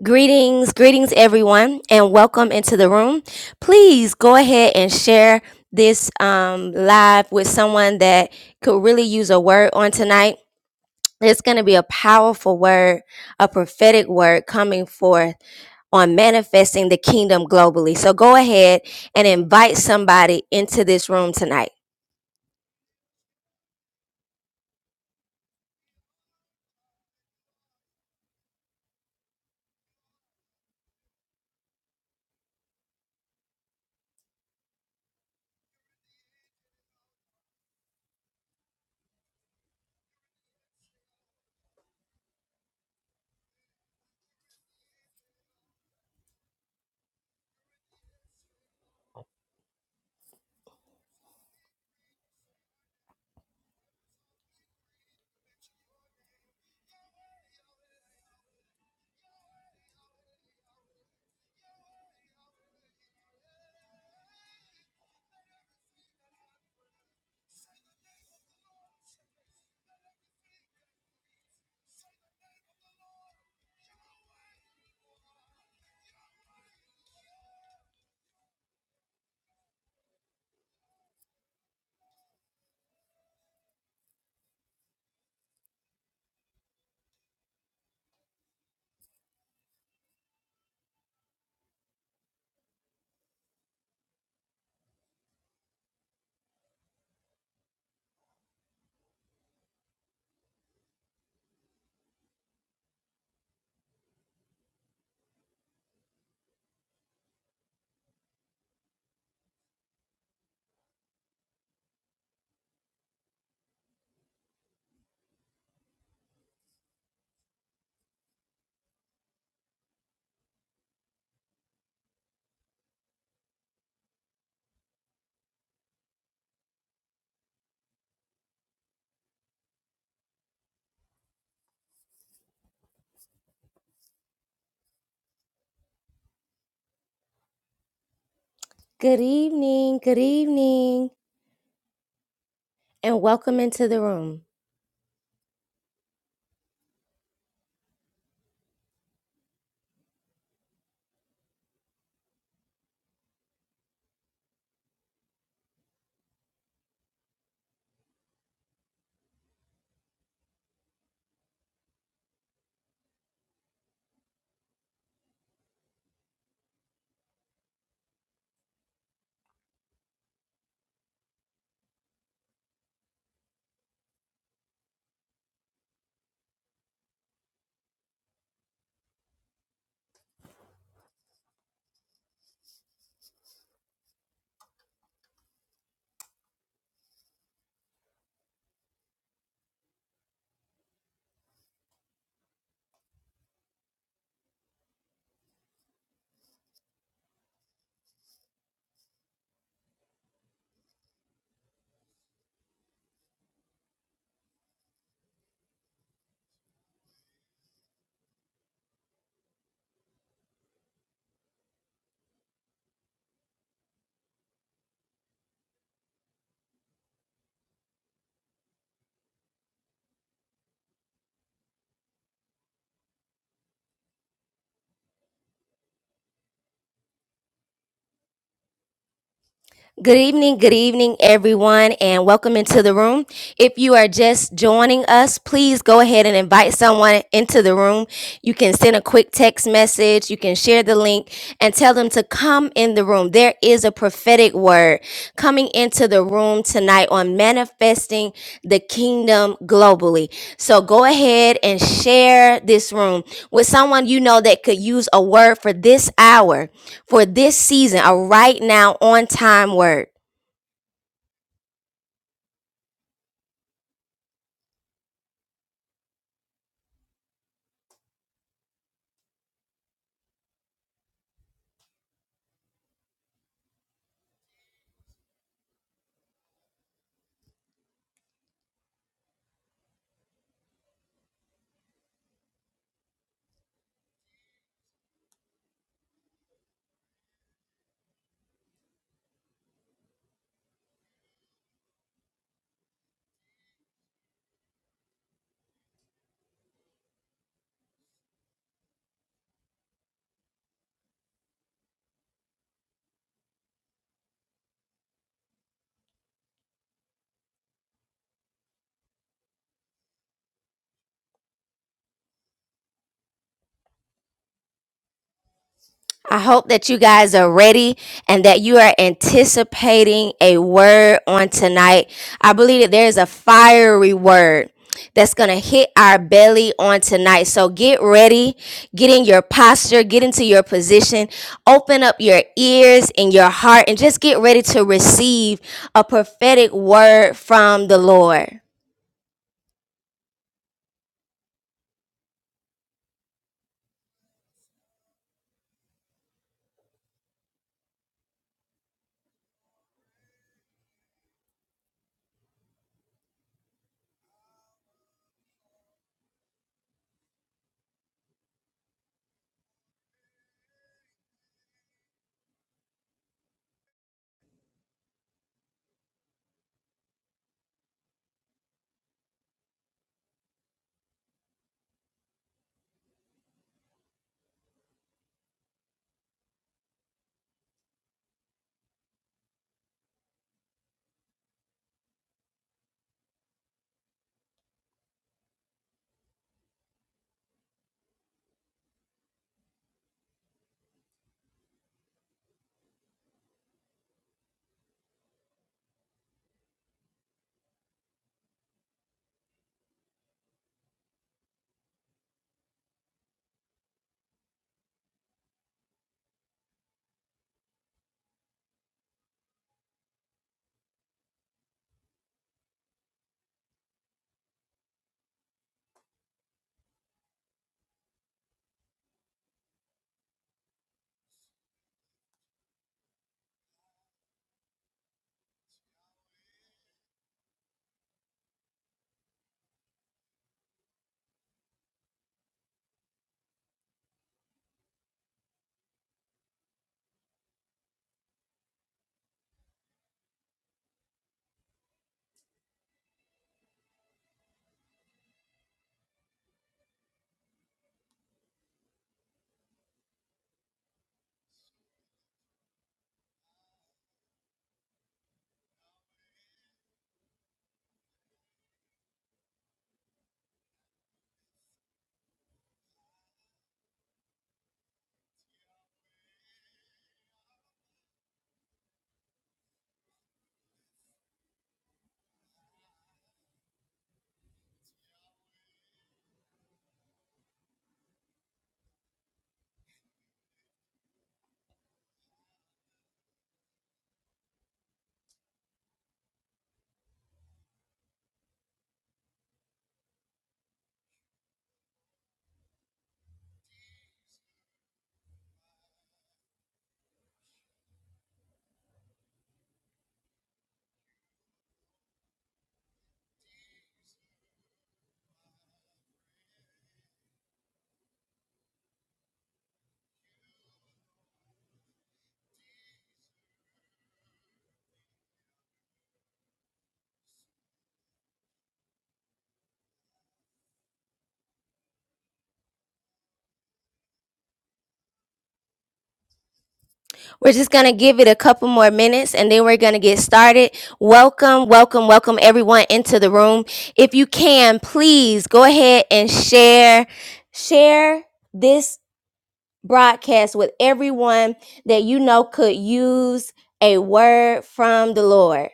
Greetings, greetings, everyone, and welcome into the room. Please go ahead and share this um, live with someone that could really use a word on tonight. It's going to be a powerful word, a prophetic word coming forth on manifesting the kingdom globally. So go ahead and invite somebody into this room tonight. Good evening, good evening, and welcome into the room. Good evening, good evening, everyone, and welcome into the room. If you are just joining us, please go ahead and invite someone into the room. You can send a quick text message, you can share the link, and tell them to come in the room. There is a prophetic word coming into the room tonight on manifesting the kingdom globally. So go ahead and share this room with someone you know that could use a word for this hour for this season, a right now on time word. I hope that you guys are ready and that you are anticipating a word on tonight. I believe that there is a fiery word that's going to hit our belly on tonight. So get ready, get in your posture, get into your position, open up your ears and your heart, and just get ready to receive a prophetic word from the Lord. We're just going to give it a couple more minutes and then we're going to get started. Welcome, welcome, welcome everyone into the room. If you can, please go ahead and share, share this broadcast with everyone that you know could use a word from the Lord.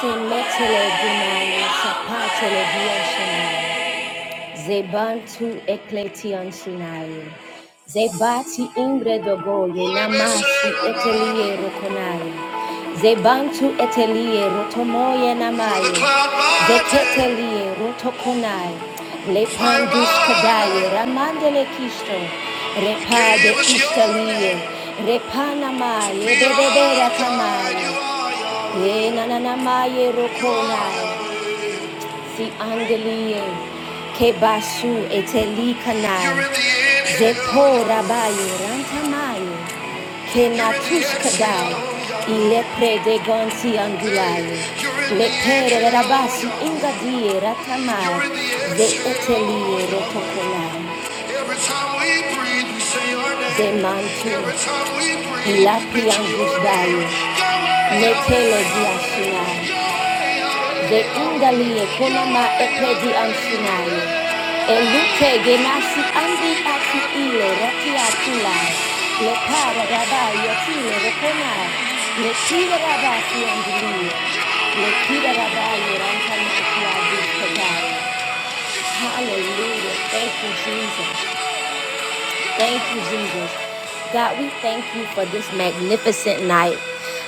Semetele dinamisa patele diashana. Zebantu ekletian sinaye. Zebati ingre dogoye namasi etelie rokonaye. Zebantu etelie rotomoye namaye. Zetetelie rotokonaye. Lepandus kadaye ramandele kisto. Repade istalie. Repanamaye bebebera tamaye. Enananamaye rokonaye. Si angelie ke basu eteli You're kanai in the inhale. zepo rabayo rantamayo ke natush kadai ile prede gonsi angulayo le pere rabasi ingadie ratamai in the rotokolai Every time we breathe, we say your ze name. De mantu ilapi mention your Metele Yahweh, the ingalie konama epedi ansinayo. Elute genasi andi ati ile raki atula. Le para rabai atile rekona. Le tira rabasi andili. Le tira rabai ranta maki adikata. Hallelujah. Thank you, Jesus. Thank you, Jesus. God, we thank you for this magnificent night,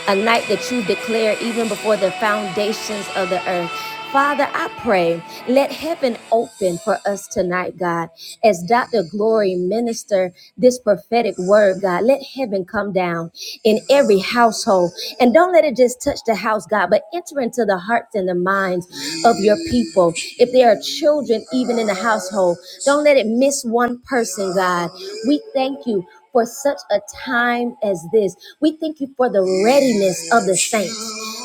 a night that you declared even before the foundations of the earth. Father, I pray, let heaven open for us tonight, God. As Dr. Glory minister this prophetic word, God, let heaven come down in every household. And don't let it just touch the house, God, but enter into the hearts and the minds of your people people, if there are children even in the household, don't let it miss one person, God. We thank you for such a time as this. We thank you for the readiness of the saints.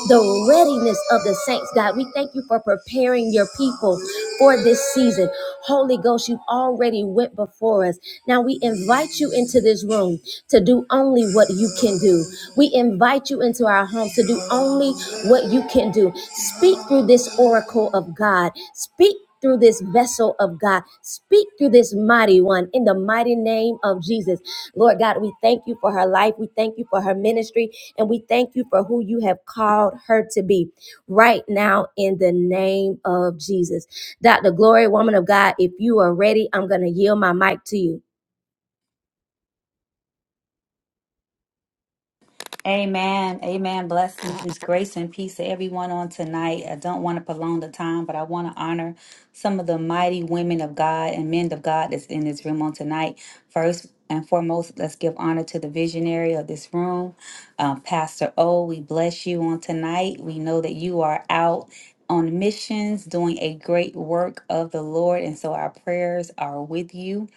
The readiness of the saints, God. We thank you for preparing your people for this season. Holy Ghost, you already went before us. Now we invite you into this room to do only what you can do. We invite brought you into our home to do only what you can do. Speak through this oracle of God. Speak through this vessel of God. Speak through this mighty one in the mighty name of Jesus. Lord God, we thank you for her life. We thank you for her ministry. And we thank you for who you have called her to be right now in the name of Jesus. Dr. Glory, woman of God, if you are ready, I'm going to yield my mic to you. Amen. Amen. Blessings, grace, and peace to everyone on tonight. I don't want to prolong the time, but I want to honor some of the mighty women of God and men of God that's in this room on tonight. First and foremost, let's give honor to the visionary of this room, um, Pastor O. We bless you on tonight. We know that you are out on missions doing a great work of the Lord. And so our prayers are with you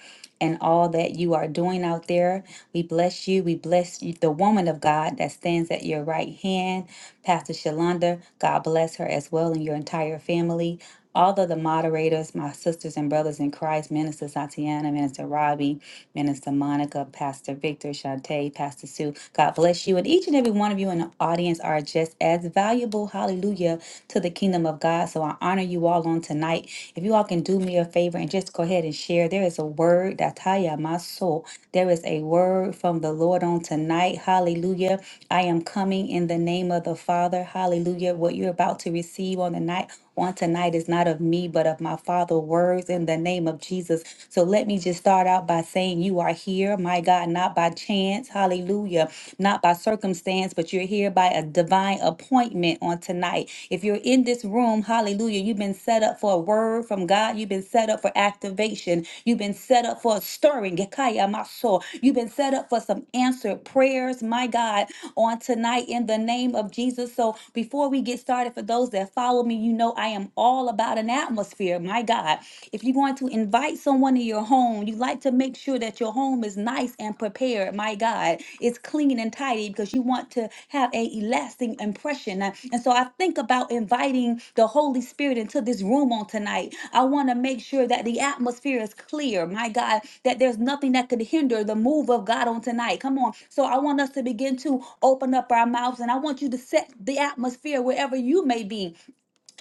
and all that you are doing out there. We bless you. We bless you, the woman of God that stands at your right hand, Pastor Shalonda. God bless her as well and your entire family. All of the moderators, my sisters and brothers in Christ, Minister Satiana, Minister Robbie, Minister Monica, Pastor Victor, Shantae, Pastor Sue, God bless you. And each and every one of you in the audience are just as valuable, hallelujah, to the kingdom of God. God. So I honor you all on tonight. If you all can do me a favor and just go ahead and share, there is a word that Taya, my soul, there is a word from the Lord on tonight. Hallelujah. I am coming in the name of the Father. Hallelujah. What you're about to receive on the night on tonight is not of me, but of my Father. Words in the name of Jesus. So let me just start out by saying, You are here, my God, not by chance. Hallelujah. Not by circumstance, but you're here by a divine appointment on tonight. If you're in this room, hallelujah, you've been set up for a word from God. You've been set up for activation. You've been set up for a stirring. Gekaya maso. You've been set up for some answered prayers, my God, on tonight in the name of Jesus. So before we get started, for those that follow me, me, you know I am all about an atmosphere. My God, if you're going to invite someone to your home, you like to make sure that your home is nice and prepared. My God, it's clean and tidy because you want to have a lasting impression. Uh, And so I think about inviting the Holy Spirit into this room on tonight. I want to make sure that the atmosphere is clear. My God, that there's nothing that could hinder the move of God on tonight. Come on. So I want us to begin to open up our mouths and I want you to set the atmosphere wherever you may be.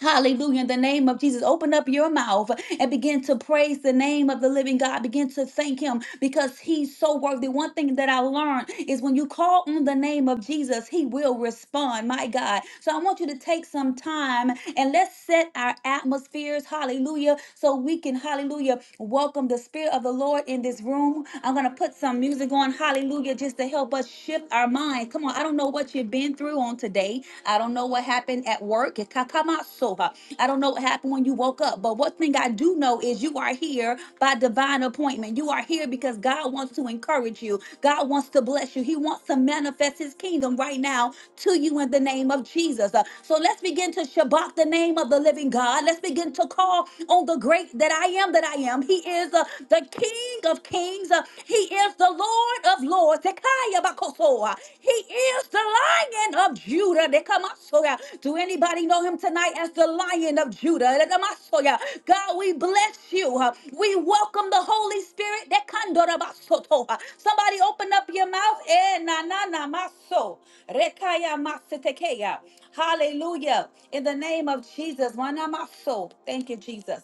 Hallelujah. In the name of Jesus, open up your mouth and begin to praise the name of the living God. Begin to thank Him because He's so worthy. One thing that I learned is when you call on the name of Jesus, He will respond. My God. So I want you to take some time and let's set our atmospheres. Hallelujah. So we can, hallelujah, welcome the Spirit of the Lord in this room. I'm going to put some music on. Hallelujah. Just to help us shift our minds. Come on. I don't know know what you've been through on today. I don't know what happened at work. Ikakamasoha. I don't know what happened when you woke up. But one thing I do know is you are here by divine appointment. You are here because God wants to encourage you. God wants to bless you. He wants to manifest his kingdom right now to you in the name of Jesus. Uh, So let's begin to Shabbat the name of the living God. Let's begin to call on the great that I am that I am. He is uh, the King of kings. Uh, he is the Lord of Lords. Tekaya bakosoa. He is the Lion of Judah. Dekamasoya. Do anybody know him tonight as the Lion of Judah? Dekamasoya. God, we bless you. We welcome the Holy Spirit. Dekandorabasotoa. Somebody open up your mouth. Eh, na, na, na, maso. Rekaya masetekeya. Hallelujah. In the name of Jesus. Wanamaso. Thank you, Jesus.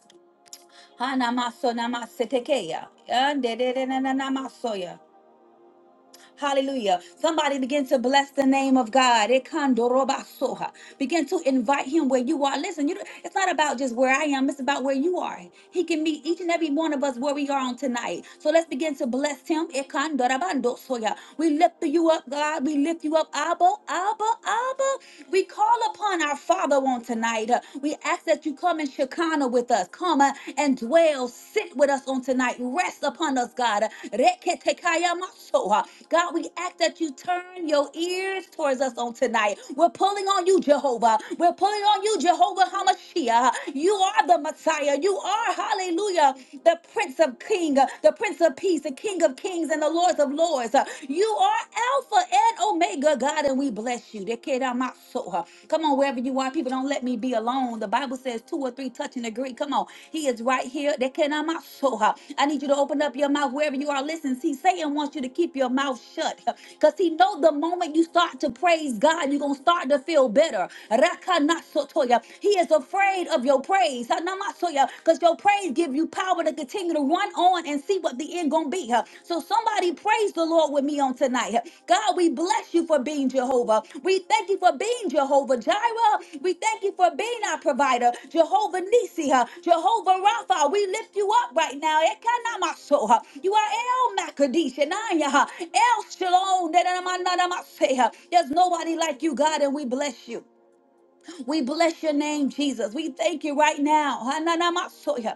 Hanamaso namasetekeya. Yandedenenenamasoya. Hallelujah. Somebody begin to bless the name of God. Ekandorobasoha. Begin to invite him where you are. Listen, you, it's not about just where I am, it's about where you are. He can meet each and every one of us where we are on tonight. So let's begin to bless him. Ekandorabandosoya. We lift you up, God. We lift you up. Abba, Abba, Abba. We call upon our Father on tonight. We ask that you come in Shekinah with us us. Come uh, and dwell, sit with us on tonight. Rest upon us, God. Reketekaya maso, uh, God, we ask that you turn your ears towards us on tonight. We're pulling on you, Jehovah. We're pulling on you, Jehovah Hamashiach. You are the Messiah. You are, hallelujah, the Prince of King, uh, the Prince of Peace, the King of Kings, and the Lords of Lords. Uh, You are Alpha and Omega, God. God, and we bless you. They carried out my soul. huh? Come on, wherever you are, people don't let me be alone. The Bible says two or three touch and agree. Come on, He is right here. They carried out my soul. huh? I need you to open up your mouth wherever you are. Listen, see, Satan wants you to keep your mouth shut because he know the moment you start to praise God, you're gonna start to feel better. Rakanasotoya. He is afraid of your praise because your praise give you power to continue you to run on and see what the end gonna be. huh? So somebody praise the Lord with me on tonight. huh? God, we bless you for being Jehovah. We thank you for being Jehovah Jireh. We thank you for being our provider, Jehovah Nisi, huh? Jehovah Rapha. We lift you up right now. Ekanamaso, huh? You are El Makadish and El Shalom. There's nobody like you, God, and we bless you. We bless your name, Jesus. We thank you right now. Hananamasoya.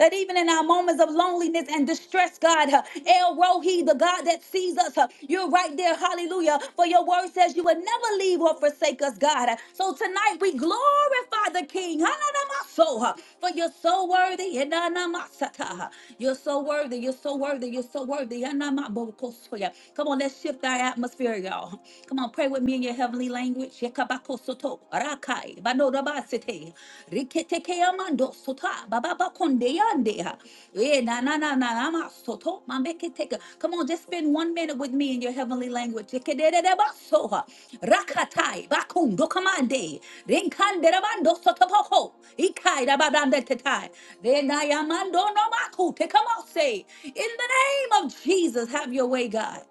That even in our moments of loneliness and distress, God, uh, El Rohi, the God that sees us, uh, you're right there. Hallelujah. For your word says you would never leave or forsake us, God. Uh, So tonight we glorify the King. Hananamasoha. For you're so worthy. Hananamasata. You're so worthy. You're so worthy. You're so worthy. Hananamabokosoya. Come on, let's shift our atmosphere, y'all. Come on, pray with me me in your heavenly language. Yekabako soto, rakai, banorabasete, riketeke amando sota, bababa konde yandea. Eh, na na na na na ma soto, mambeketeke. Come on, just spend one minute with me in your heavenly language. Yekedededeba soha, rakatai, bakundo kamande, rinkanderabando sotopoko, ikai rabadandetetai, renayamando no maku, tekamose. In the name of Jesus, have your way, God.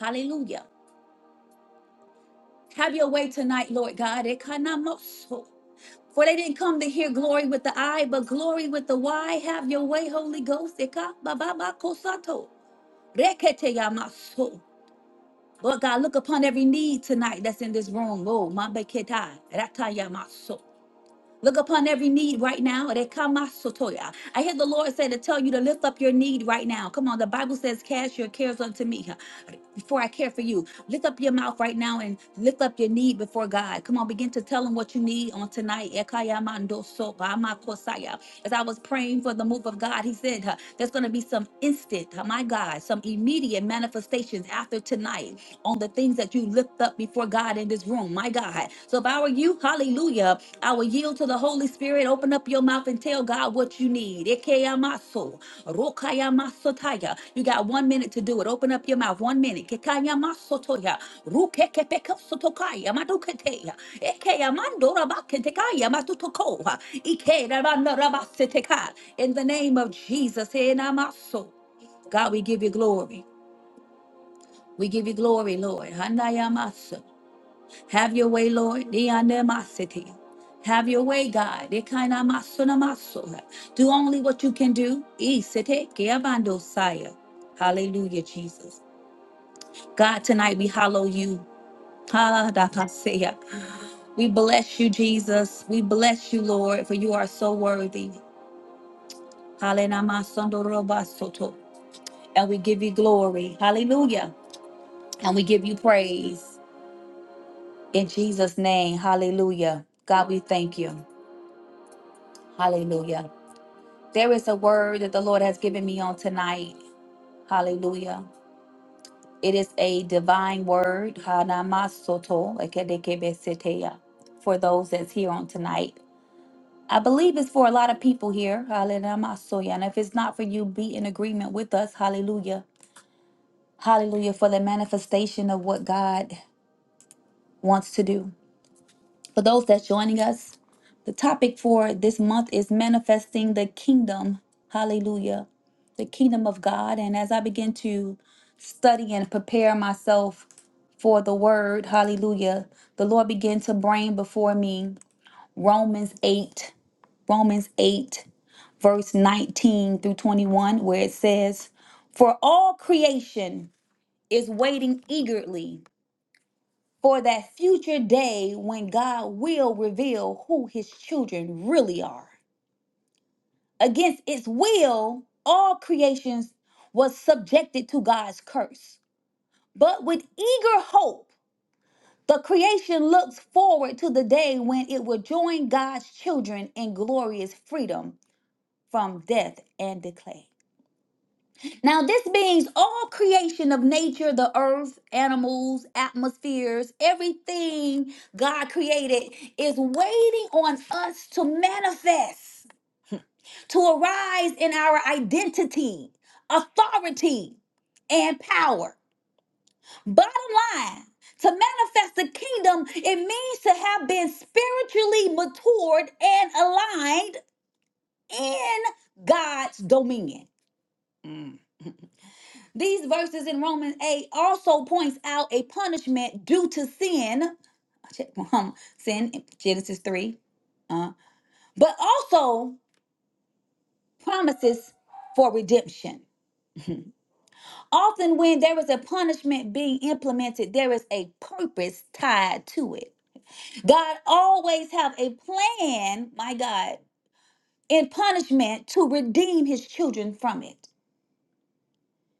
Hallelujah. Have your way tonight, Lord God. Ekanamoso. For they didn't come to hear glory with the I, but glory with the why. Have your way, Holy Ghost. Eka bababa kosato. Lord God, look upon every need tonight that's in this room. Oh, mabeketa. Rata yamaso. Look upon every need right now. Rekamasotoya. I hear the Lord say to tell you to lift up your need right now. Come on, the Bible says, Cast your cares unto me huh, before I care for you. Lift up your mouth right now and lift up your need before God. Come on, begin to tell Him what you need on tonight. Ekayamandoso bamakosaya. As I was praying for the move of God, He said, huh, There's going to be some instant, huh, my God, some immediate manifestations after tonight on the things that you lift up before God in this room, my God. So if I were you, hallelujah, I will yield to the Holy Spirit, open up your mouth and tell God what you need. Ekeyamaso, rokayamasotaya. You got one minute to do it. Open up your mouth, one minute. Kekayamasotoya, rukekepekosotokai, amaduketeya, ekeyamandorabaketekaya, matutokoa, ikerabanarabaseteka. In the name of Jesus, enamaso. God, we give you glory. We give you glory, Lord. Hanayamasa. Have your way, Lord. Dianemasiti. Have your way, God. Dekanamasonamaso. Do only what you can do. Isete keabandosaya. Hallelujah, Jesus. God, tonight we hallow you. Ha, da, da, seya. We bless you, Jesus. We bless you, Lord, for you are so worthy. Halenamasondorobasoto. And we give you glory. Hallelujah. And we give you praise. In Jesus' name, hallelujah. God, we thank you. Hallelujah. There is a word that the Lord has given me on tonight. Hallelujah. It is a divine word. Hanamasoto, ekedekebeseteya, For those that's here on tonight. I believe it's for a lot of people here. Hallelujah. And if it's not for you, be in agreement with us. Hallelujah. Hallelujah for the manifestation of what God wants to do. For those that's joining us, the topic for this month is manifesting the kingdom. Hallelujah. The kingdom of God. And as I begin to study and prepare myself for the word. Hallelujah. The Lord began to bring before me Romans 8, Romans 8, verse 19 through 21, where it says, For all creation is waiting eagerly for that future day when God will reveal who his children really are. Against its will, all creations was subjected to God's curse. But with eager hope, The creation looks forward to the day when it will join God's children in glorious freedom from death and decay. Now, this means all creation of nature, the earth, animals, atmospheres, everything God created is waiting on us to manifest, to arise in our identity, authority, and power. Bottom line, to manifest the kingdom, it means to have been spiritually matured and aligned in God's dominion. Mm. These verses in Romans 8 also points out a punishment due to sin, um, sin in Genesis 3, uh, but also promises for redemption. Often when there is a punishment being implemented, there is a purpose tied to it. God always have a plan, my God, in punishment to redeem his children from it.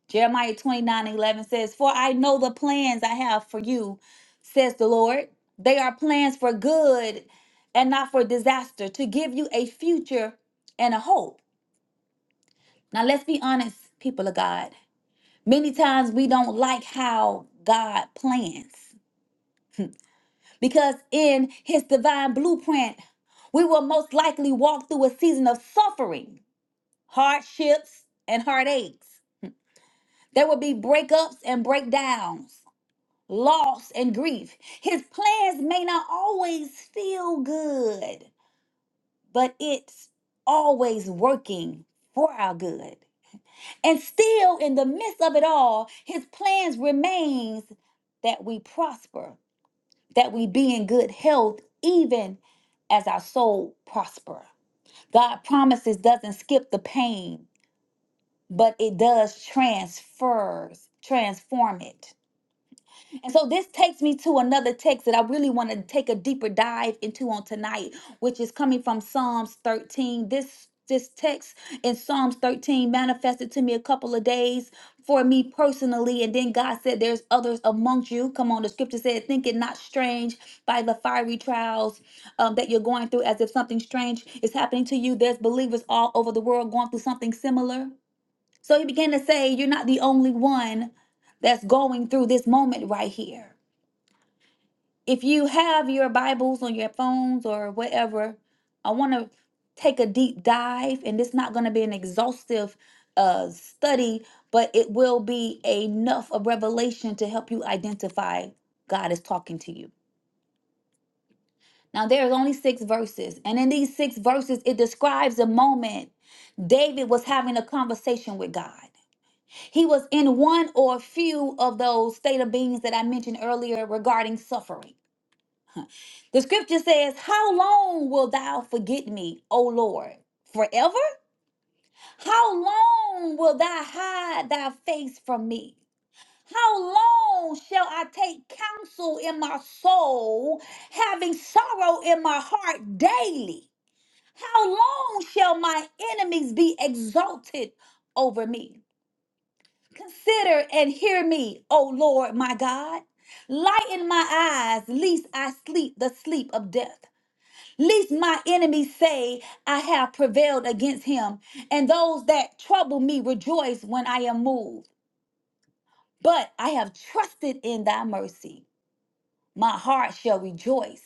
Jeremiah 29 and 11 says, For I know the plans I have for you, says the Lord. They are plans for good and not for disaster, to give you a future and a hope. Now, let's be honest, people of God. Many times we don't like how God plans. Because in his divine blueprint, we will most likely walk through a season of suffering, hardships, and heartaches. There will be breakups and breakdowns, loss and grief. His plans may not always feel good, but it's always working for our good. And still in the midst of it all, his plans remains that we prosper that we be in good health even as our soul prosper. God promises doesn't skip the pain, but it does transfers, transform it. And so this takes me to another text that I really want to take a deeper dive into on tonight, which is coming from Psalms 13. This this text in Psalms 13 manifested to me a couple of days for me personally. And then God said, There's others amongst you. Come on, the scripture said, Think it not strange by the fiery trials um, that you're going through, as if something strange is happening to you. There's believers all over the world going through something similar. So he began to say, You're not the only one that's going through this moment right here. If you have your Bibles on your phones or whatever, I want to take a deep dive, and it's not going to be an exhaustive uh, study, but it will be enough of revelation to help you identify God is talking to you. Now, there's only six verses, and in these six verses, it describes a moment David was having a conversation with God. He was in one or a few of those state of beings that I mentioned earlier regarding suffering. The scripture says, How long will thou forget me, O Lord? Forever? How long will thou hide thy face from me? How long shall I take counsel in my soul, having sorrow in my heart daily? How long shall my enemies be exalted over me? Consider and hear me, O Lord my God. Lighten my eyes, lest I sleep the sleep of death. Lest my enemies say, I have prevailed against him, and those that trouble me rejoice when I am moved. But I have trusted in thy mercy. My heart shall rejoice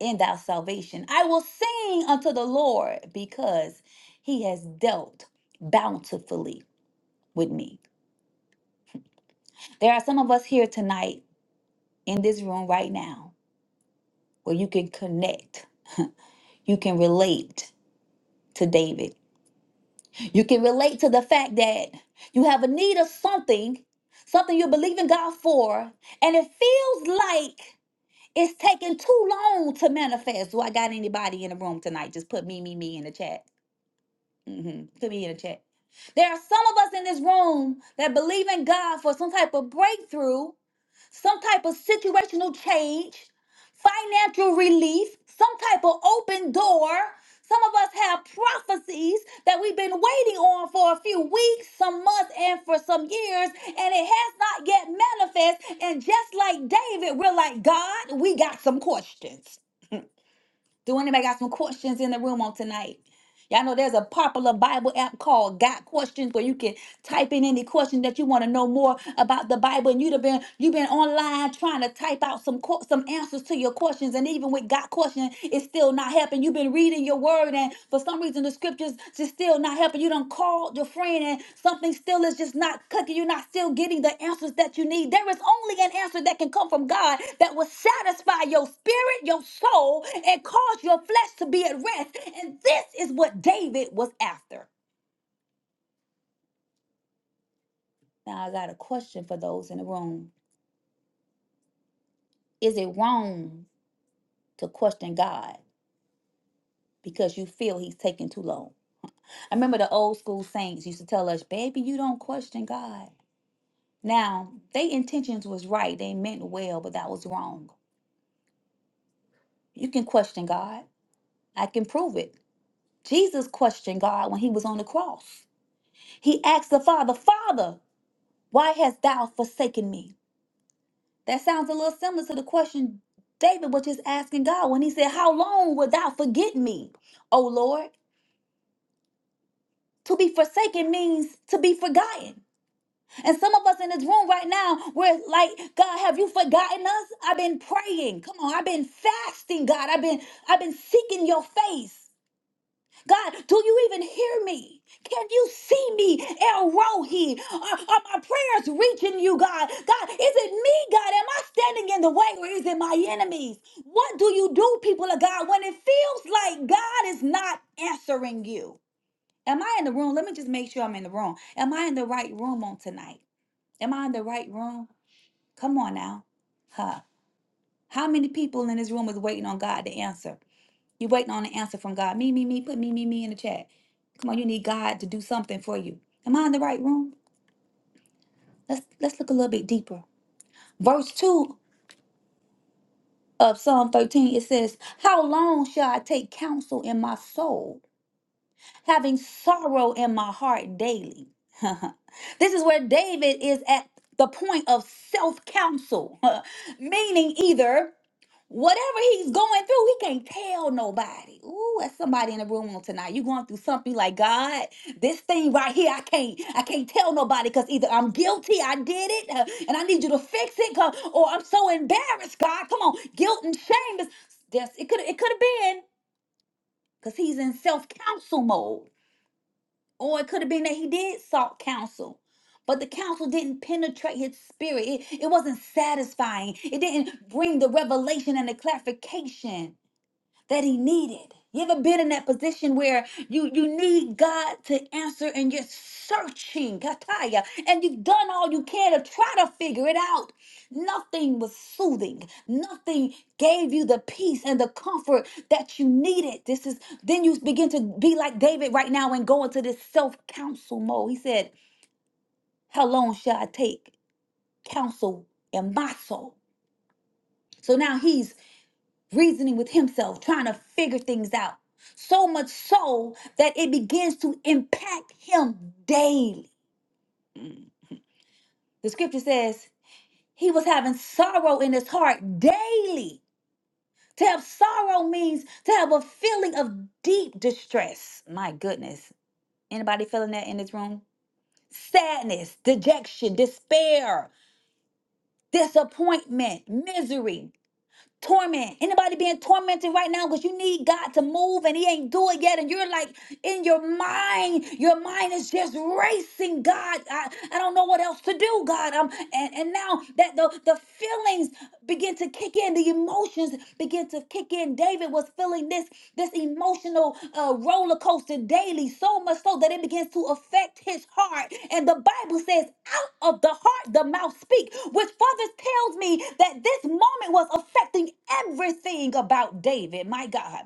in thy salvation. I will sing unto the Lord because he has dealt bountifully with me. There are some of us here tonight in this room right now where you can connect, you can relate to David, you can relate to the fact that you have a need of something, something you believe in God for, and it feels like it's taking too long to manifest. Do I got anybody in the room tonight? Just put me, me, me in the chat. hmm Put me in the chat. There are some of us in this room that believe in God for some type of breakthrough, some type of situational change, financial relief, some type of open door. Some of us have prophecies that we've been waiting on for a few weeks, some months, and for some years, and it has not yet manifest. And just like David, we're like, God, we got some questions. Do anybody got some questions in the room on tonight? Y'all know there's a popular Bible app called Got Questions where you can type in any question that you want to know more about the Bible. And you'd have been you've been online trying to type out some que- some answers to your questions. And even with Got Questions, it's still not helping. You've been reading your word, and for some reason the scriptures She's still not helping. You done called your friend and something still is just not cooking. You're not still getting the answers that you need. There is only an answer that can come from God that will satisfy your spirit, your soul, and cause your flesh to be at rest. And this is what David was after. Now, I got a question for those in the room. Is it wrong to question God because you feel he's taking too long? I remember the old school saints used to tell us, baby, you don't question God. Now, they intentions was right. They meant well, but that was wrong. You can question God. I can prove it. Jesus questioned God when he was on the cross. He asked the Father, Father, why hast thou forsaken me? That sounds a little similar to the question David was just asking God when he said, How long wilt thou forget me, O Lord? To be forsaken means to be forgotten. And some of us in this room right now, we're like, God, have you forgotten us? I've been praying. Come on, I've been fasting, God. I've been I've been seeking your face. God, do you even hear me? Can you see me, El Rohi? Are, are my prayers reaching you, God? God, is it me, God? Am I standing in the way or is it my enemies? What do you do, people of God, when it feels like God is not answering you? Am I in the room? Let me just make sure I'm in the room. Am I in the right room on tonight? Am I in the right room? Come on now. Huh. How many people in this room is waiting on God to answer? you are waiting on an answer from God. Me, me, me, put me, me, me in the chat. Come on, you need God to do something for you. Am I in the right room? Let's let's look a little bit deeper. Verse 2 of Psalm 13, it says, How long shall I take counsel in my soul, having sorrow in my heart daily? this is where David is at the point of self counsel, meaning either. Whatever he's going through, he can't tell nobody. Ooh, that's somebody in the room on tonight. You going through something like God, this thing right here, I can't, I can't tell nobody because either I'm guilty, I did it, uh, and I need you to fix it, 'cause- or I'm so embarrassed. God, come on, guilt and shame is. Yes, it could, it could have been because he's in self counsel mode, or it could have been that he did sought counsel. But the counsel didn't penetrate his spirit. It, it wasn't satisfying. It didn't bring the revelation and the clarification that he needed. You ever been in that position where you, you need God to answer and you're searching, Kataya, and you've done all you can to try to figure it out? Nothing was soothing. Nothing gave you the peace and the comfort that you needed. This is then you begin to be like David right now and go into this self-counsel mode. He said, How long shall I take counsel in my soul? So now he's reasoning with himself, trying to figure things out. So much so that it begins to impact him daily. The scripture says he was having sorrow in his heart daily. To have sorrow means to have a feeling of deep distress. My goodness. Anybody feeling that in this room? Sadness, dejection, despair, disappointment, misery, Torment. Anybody being tormented right now because you need God to move and He ain't do it yet, and you're like in your mind, your mind is just racing. God, I, I don't know what else to do. God, um, and and now that the the feelings begin to kick in the emotions begin to kick in david was feeling this this emotional uh, roller coaster daily so much so that it begins to affect his heart and the bible says out of the heart the mouth speak which further tells me that this moment was affecting everything about david my god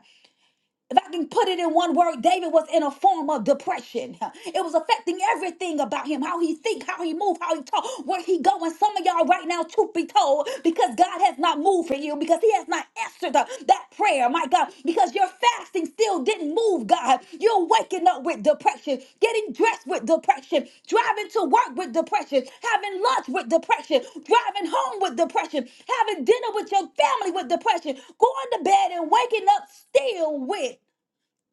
if I can put it in one word, David was in a form of depression. It was affecting everything about him, how he think, how he move, how he talk, where he go. And some of y'all right now, truth be told, because God has not moved for you, because he has not answered the- that prayer, my God, because you're fasting still didn't move, God. You're waking up with depression, getting dressed with depression, driving to work with depression, having lunch with depression, driving home with depression, having dinner with your family with depression, going to bed and waking up still with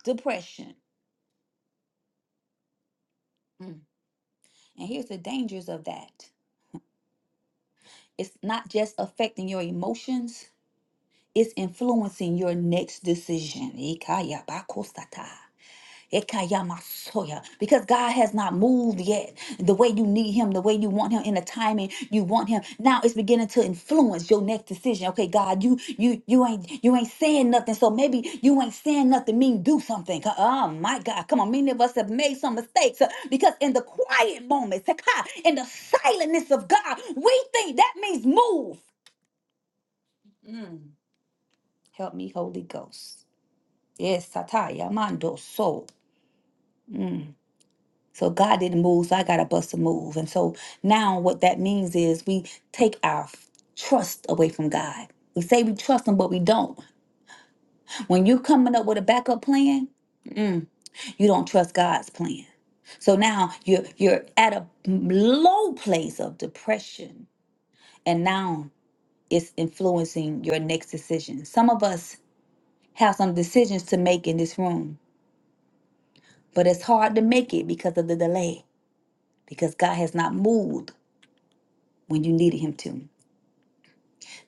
depression. Mm. And here's the dangers of that it's not just affecting your emotions, it's influencing your next decision. Ikaya bakosata. Ekayamasoya. Because God has not moved yet. The way you need Him, the way you want Him, in the timing you want Him. Now it's beginning to influence your next decision. Okay, God, you you you ain't you ain't saying nothing. So maybe you ain't saying nothing mean do something. Co- Oh my God, come on. Many of us have made some mistakes uh, because in the quiet moments, Seka, in the silentness of God, we think that means move. Help me, Holy Ghost. Yes, Sataya Mando So. So God didn't move, so I got to bust a move. And so now what that means is we take our f- trust away from God. We say we trust him, but we don't. When you're coming up with a backup plan, you don't trust God's plan. So now you're you're at a low place of depression, and now it's influencing your next decision. Some of us have some decisions to make in this room, but it's hard to make it because of the delay, because God has not moved when you needed him to.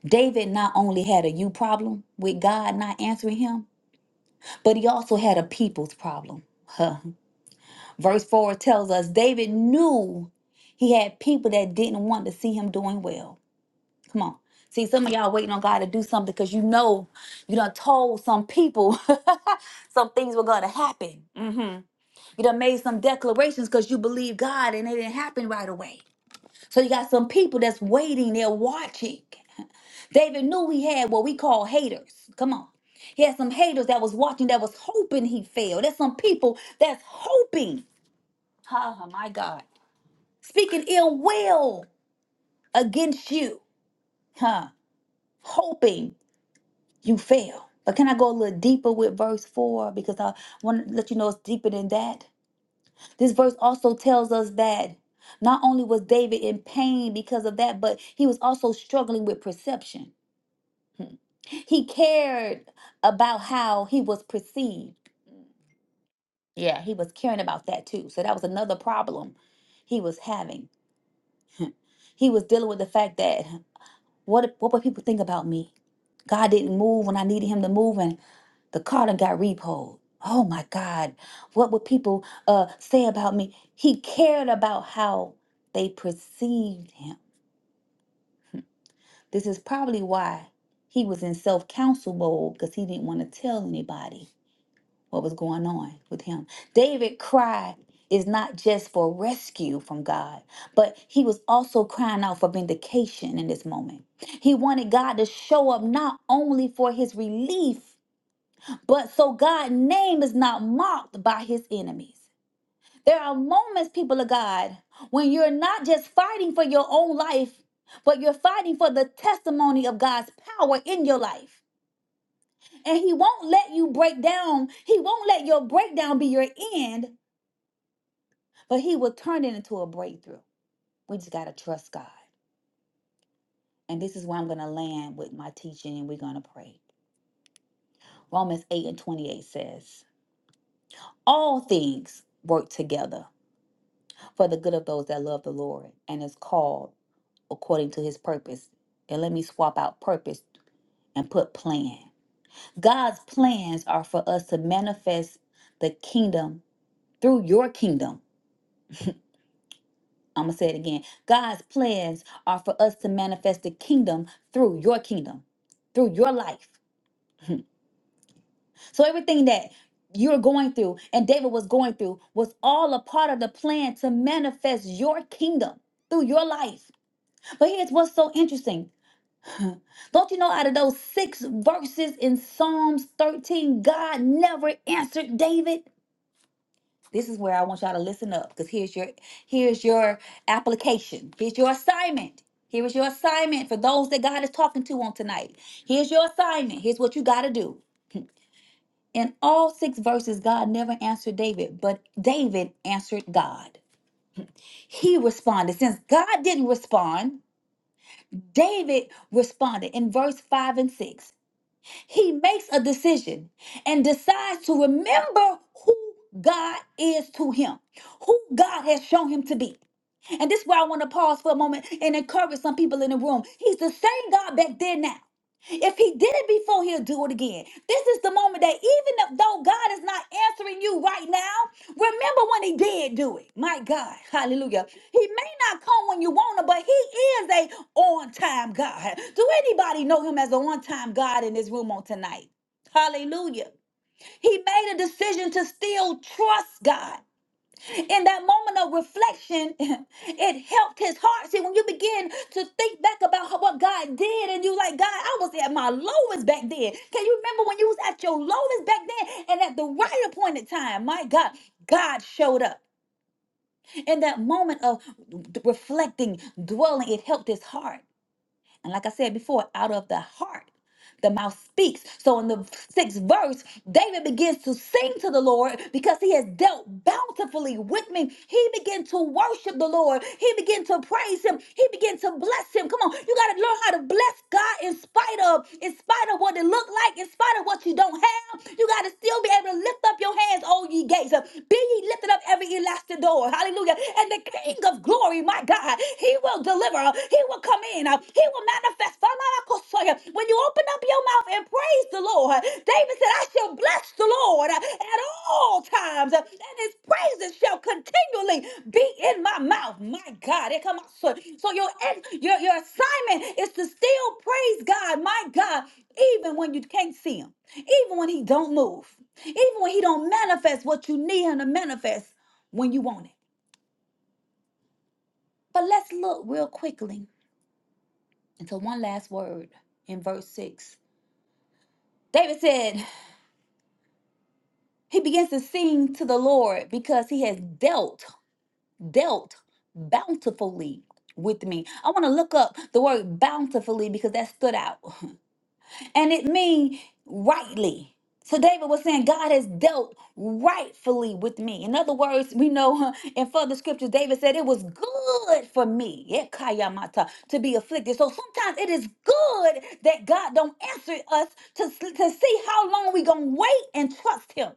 David not only had a you problem with God not answering him, but he also had a people's problem. Huh. Verse 4 tells us David knew he had people that didn't want to see him doing well. Come on. See, some of y'all waiting on God to do something because you know you done told some people some things were going to happen. You done made some declarations because you believe God and it didn't happen right away. So you got some people that's waiting, they're watching. David knew he had what we call haters. Come on. He had some haters that was watching that was hoping he failed. There's some people that's hoping. Oh my God. Speaking ill will against you. Huh. Hoping you fail. But can I go a little deeper with verse 4? Because I want to let you know it's deeper than that. This verse also tells us that not only was David in pain because of that, but he was also struggling with perception. He cared about how he was perceived. Yeah, he was caring about that too. So that was another problem he was having. He was dealing with the fact that what what would people think about me? God didn't move when I needed him to move and the car done got repoed. Oh my God. What would people uh say about me? He cared about how they perceived him. This is probably why he was in self-counsel mode because he didn't want to tell anybody what was going on with him. David cried is not just for rescue from God, but he was also crying out for vindication in this moment. He wanted God to show up not only for his relief, but so God's name is not mocked by his enemies. There are moments, people of God, when you're not just fighting for your own life, but you're fighting for the testimony of God's power in your life. And he won't let you break down. He won't let your breakdown be your end, but he will turn it into a breakthrough. We just got to trust God. And this is where I'm going to land with my teaching and we're going to pray. Romans 8 and 28 says, All things work together for the good of those that love the Lord and is called according to his purpose. And let me swap out purpose and put plan. God's plans are for us to manifest the kingdom through your kingdom I'm going to say it again. God's plans are for us to manifest the kingdom through your kingdom, through your life. So everything that you're going through and David was going through was all a part of the plan to manifest your kingdom through your life. But here's what's so interesting. Don't you know out of those six verses in Psalms 13, God never answered David? This is where I want y'all to listen up because here's your here's your application. Here's your assignment. Here is your assignment for those that God is talking to on tonight. Here's your assignment. Here's what you got to do. In all six verses, God never answered David, but David answered God. He responded. Since God didn't respond, David responded in verse 5 and 6. He makes a decision and decides to remember who God is to him, who God has shown him to be. And this is where I want to pause for a moment and encourage some people in the room. He's the same God back then now. If he did it before, he'll do it again. This is the moment that even if though God is not answering you right now, remember when he did do it. My God, hallelujah. He may not come when you want him, but he is a on-time God. Do anybody know him as an on-time God in this room on tonight? Hallelujah. He made a decision to still trust God in that moment of reflection, it helped his heart. See, when you begin to think back about how- what God did, and you like, God, I was at my lowest back then. Can you remember when you was at your lowest back then? And at the right appointed time, my God, God showed up. In that moment of d- reflecting, dwelling, it helped his heart. And like I said before, out of the heart, the mouth speaks. So in the sixth verse, David begins to sing to the Lord because he has dealt bountifully with me. He began to worship the Lord. He began to praise him. He began to bless him. Come on, you got to learn how to bless God in spite of, in spite of what it looked like, in spite of what you don't have. You got to still be able to lift up up your hands, all ye gates. Be ye lifted up every elastic door. Hallelujah. And the King of glory, my God, he will deliver. He will come in. uh, He will manifest. When you open up your mouth and praise the Lord, David said, I shall bless the Lord at all times And his praises shall continually be in my mouth. My God, it come out. So, so your, your your assignment is to still praise God, my God, even when you can't see him, even when he don't move, even when he don't manifest what you need him to manifest when you want it. But let's look real quickly into one last word in verse 6. David said, he begins to sing to the Lord because he has dealt. dealt bountifully with me. I want to look up the word bountifully because that stood out. And it means rightly. So David was saying God has dealt rightfully with me. In other words, we know huh, in further scriptures, David said it was good for me yeah, kayamata, to be afflicted. So sometimes it is good that God don't answer us to, to see how long we going to wait and trust him.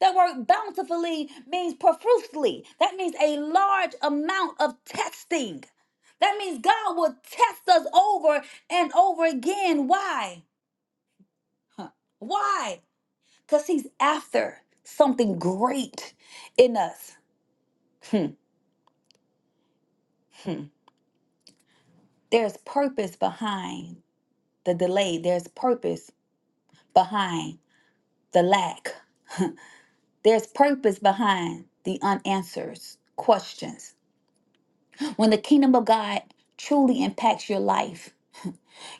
That word bountifully means profusely. That means a large amount of testing. That means God will test us over and over again. Why? Huh. Why? Because He's after something great in us. Hmm, hmm. There's purpose behind the delay, there's purpose behind the lack, there's purpose behind the unanswered questions. When the kingdom of God truly impacts your life,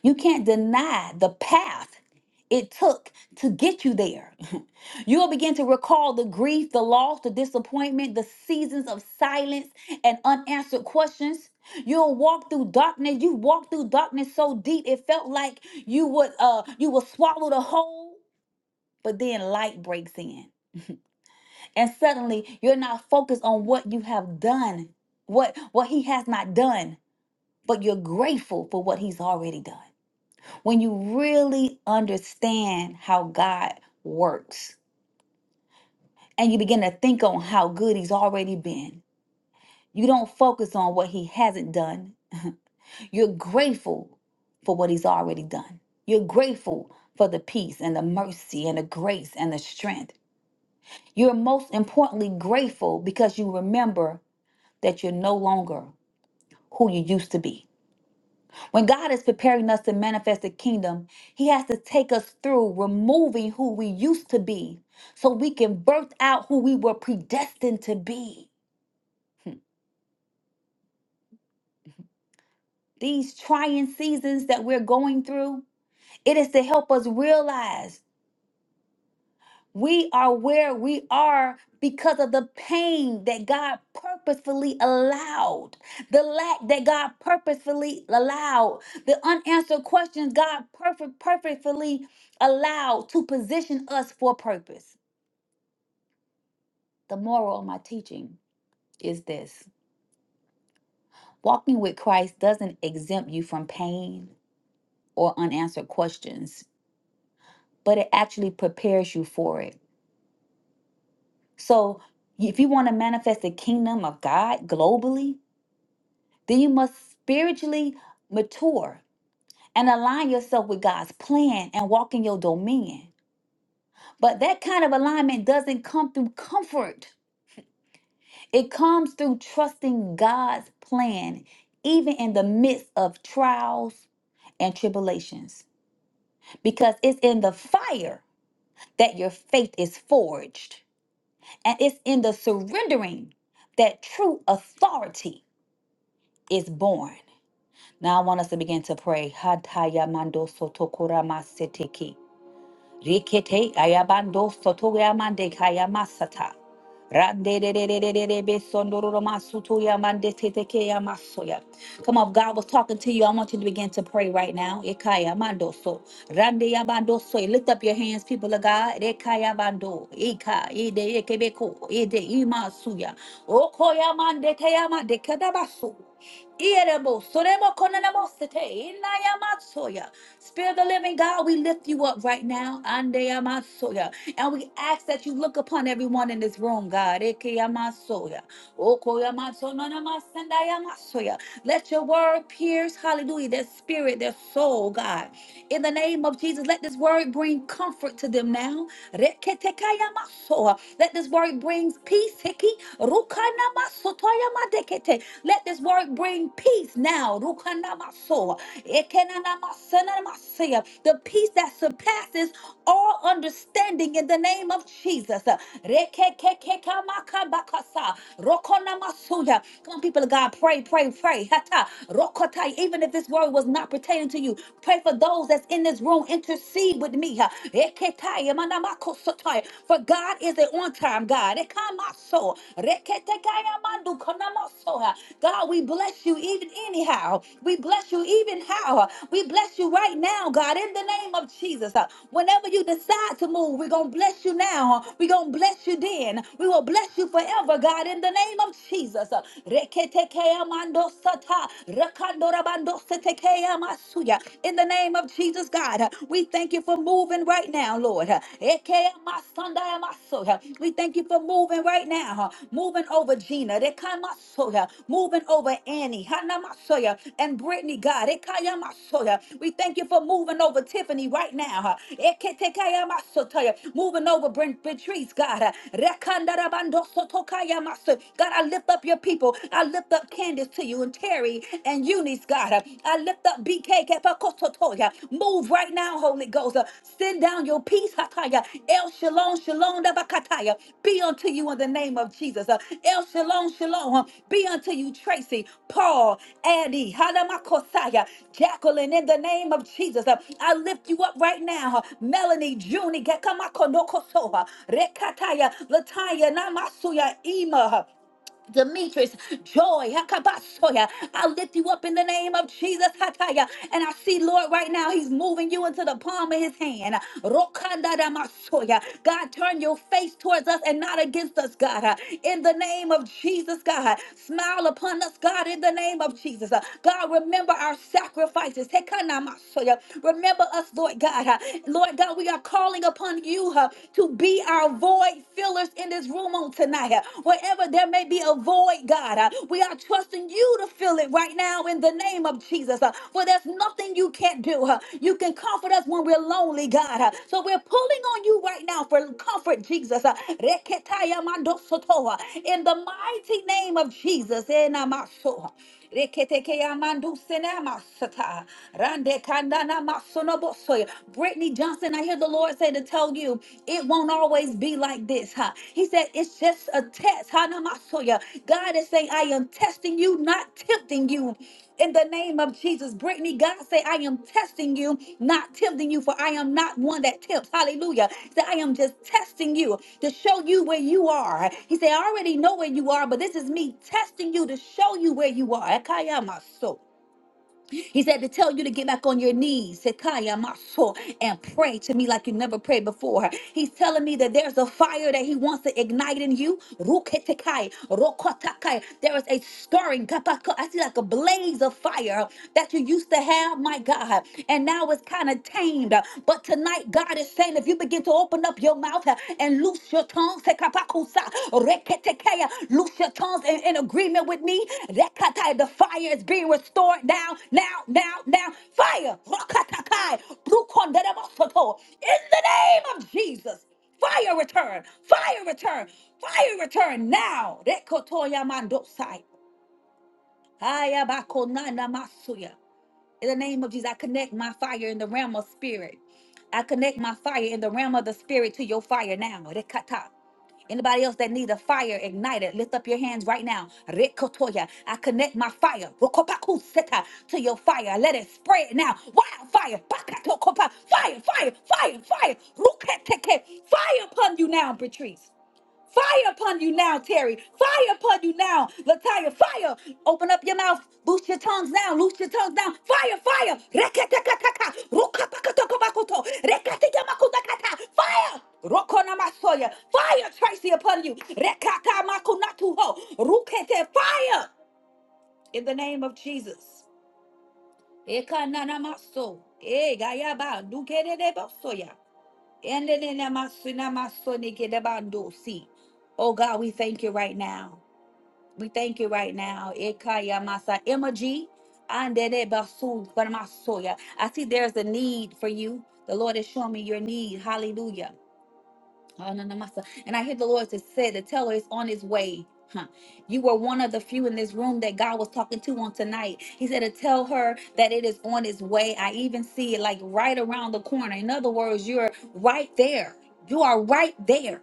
You can't deny the path it took to get you there. You'll begin to recall the grief, the loss, the disappointment, the seasons of silence and unanswered questions. You'll walk through darkness. You walked through darkness so deep it felt like you would uh you would swallow the whole, but then light breaks in. And suddenly you're not focused on what you have done, what what he has not done, but you're grateful for what he's already done when you really understand how God works and you begin to think on how good He's already been, you don't focus on what He hasn't done. You're grateful for what He's already done. You're grateful for the peace and the mercy and the grace and the strength. You're most importantly grateful because you remember that you're no longer who you used to be. When God is preparing us to manifest the kingdom, He has to take us through removing who we used to be so we can birth out who we were predestined to be. These trying seasons that we're going through, it is to help us realize. We are where we are because of the pain that God purposefully allowed, the lack that God purposefully allowed, the unanswered questions God perfect, perfectly allowed to position us for purpose. The moral of my teaching is this walking with Christ doesn't exempt you from pain or unanswered questions, but it actually prepares you for it. So, if you want to manifest the kingdom of God globally, Then you must spiritually mature and align yourself with God's plan and walk in your dominion. But that kind of alignment doesn't come through comfort, it comes through trusting God's plan, even in the midst of trials and tribulations, because it's in the fire that your faith is forged, and it's in the surrendering that true authority is born. Now I want us to begin to pray. Hataya mando sotokora maseteki. Rikete ayabando sotoya mande kaya masata. Rande de de de de de de be sondororo masutu ya mande tete ke ya masoya. Come on, if God was talking to you. I want you to begin to pray right now. Ekaya mando so. Rande ya bando so. Lift up your hands, people of God. Ekaya bando. Ika ide ekebeko ide imasuya. Okoya mande kaya mande kadabasu. Irebo soremo konenemo sete. Inaya Spirit of the living God, we lift you up right now. Ande amasoya. And we ask that you look upon everyone in this room, God. Eke amasoya. Oko yamaso no namasenda yamasoya. Let your word pierce, hallelujah, their spirit, their soul, God. In the name of Jesus, let this word bring comfort to them now. Reketekaya maso. Let this word bring peace. Hiki. Rukana masotoya madekete. Let this word bring peace now. Rukana maso. Ekenana masana masaya. The peace that surpasses all understanding in the name of Jesus. Rekekekeka makabakasa. Rokona masuya. Come on, people of God, pray, pray, pray. Hata. Rokotai. Even if this word was not pertaining to you, pray for those that's in this room intercede with me. huh? Eketai, manamako sotai. For God is an on time God. Ekamaso, reketekaya mandu konamaso, huh? God, we bless you even anyhow. We bless you even how. huh? We bless you right now, God, in the name of Jesus. huh? Whenever you decide to move, we're going to bless you now. huh? We're going to bless you then. We will bless you forever, God, in the name of Jesus. huh? Reketekaya mando sata, rakando rabando Ekeamasuya. In the name of Jesus, God, uh, we thank you for moving right now, Lord. Uh, Ekeamasandayamasuya. We thank you for moving right now, uh, moving over Gina, Dekamasuya. moving over Annie, Hanamasuya, and Brittany, God. Ekayamasuya. We thank you for moving over Tiffany right now. uh, Eketekayamasotoya. Moving over Brent Patrice, God. uh, Rekandarabandosotokayamasu. God, I lift up your people. I lift up Candace to you to you and Terry and Eunice, God. Uh, I lift up BK Kepakototoya. Move right now, Holy Ghost. Uh, Send down your peace, Hataya. El Shalom, Shalom, Dabakataya. Be unto you in the name of Jesus. Uh, El Shalom, Shalom. uh, Be unto you, Tracy, Paul, Addie, Halamakosaya, Jacqueline, in the name of Jesus. Uh, I lift you up right now. Uh, Melanie, Junie, Gekamakonokosoha, Rekataya, Lataya, Namasuya, Ema. Demetrius, joy, Hakabasoya. I lift you up in the name of Jesus, Hataya. And I see, Lord, right now, He's moving you into the palm of His hand. Rokanda Damasoya. God, turn your face towards us and not against us, God. In the name of Jesus, God. Smile upon us, God, in the name of Jesus. God, remember our sacrifices. Hekana Masoya. Remember us, Lord God. Lord God, we are calling upon you huh, to be our are void fillers in this room on tonight. Uh, Wherever there may be a void, God, uh, we are trusting you to fill it right now in the name of Jesus. Uh, For there's nothing you can't do. Uh, You can comfort us when we're lonely, God. Uh, So we're pulling on you right now for comfort, Jesus. Uh, Reketaya mandosoto, uh, In the mighty name of Jesus. Enamaso. Reketeke yamandu senamasata. Rande kandana masonobosoy. Brittany Johnson, I hear the Lord say to tell you, it won't always be like this. Huh? He said, it's just a test. Hanamasoya. God is saying, I am testing you, not tempting you in the name of Jesus. Brittany, God say, I am testing you, not tempting you, for I am not one that tempts. Hallelujah. He said, I am just testing you to show you where you are. He said, I already know where you are, but this is me testing you to show you where you are. Akayamaso. He said to tell you to get back on your knees, Sekaya Maso, and pray to me like you never prayed before. He's telling me that there's a fire that he wants to ignite in you. Ruketekai, rokotakai. There is a stirring. kapako- I see like a blaze of fire that you used to have, my God. And now it's kind of tamed. But tonight, God is saying, if you begin to open up your mouth uh, and loose your tongues. Sekapakusa, reketekea. Loose your tongues in, in agreement with me. Rekatai, The fire is being restored now, now, now, now. Fire! Rokatakai, brukonderemosoto. In the name of Jesus. Fire return, fire return, fire return now. Rekotoya mandosai. Ayabakonana masuya. In the name of Jesus, I connect my fire in the realm of spirit. I connect my fire in the realm of the spirit to your fire now. Rekata. Anybody else that need a fire ignited, lift up your hands right now. Rekotoya. I connect my fire Rokopakuseta, to your fire. Let it spread now. Wildfire. Pakatokopa. Fire, fire, fire, fire. Ruketeke. Fire upon you now, Patrice. Fire upon you now, Terry. Fire upon you now, Lataya. Fire. Open up your mouth. Loose your tongues now. Loose your tongues now. Fire, fire. Reketekataka. Rukapakatokobakuto. Reketekamakutakata. Fire. Rokonamasoya. Fire, Tracy, upon you. Rekakamakunatuho. Rukete. Fire. In the name of Jesus. Ekananamaso. Eh, gayaba. Dukededebosoya. Endenenemasunamasonekedebandosi. Oh God, we thank you right now. We thank you right now. Ekayamasa emoji. andenebasu, panamasoya. I see there's a need for you. The Lord is showing me your need. Hallelujah. Oh, no, no, my son. And I hear the Lord just said to tell her it's on its way. Huh. You were one of the few in this room that God was talking to on tonight. He said to tell her that it is on its way. I even see it like right around the corner. In other words, you're right there. You are right there.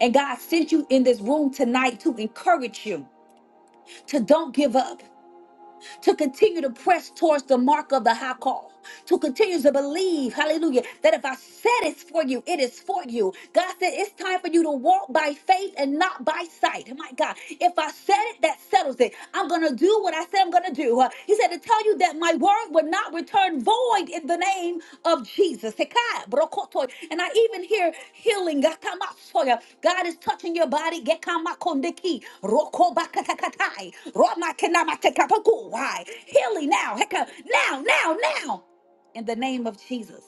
And God sent you in this room tonight to encourage you to don't give up, to continue to press towards the mark of the high call to continue to believe, hallelujah, that if I said it's for you, it is for you. God said it's time for you to walk by faith and not by sight. My God, if I said it, that settles it. I'm going to do what I said I'm going to do. Uh, He said to tell you that my word would not return void in the name of Jesus. Sekai, brokoto. And I even hear healing. Gatamasoya. God is touching your body. Gekamakondeki, rokobakatakatai, romakenamatekapakui. Healing now. Heka, Now, now, now in the name of Jesus.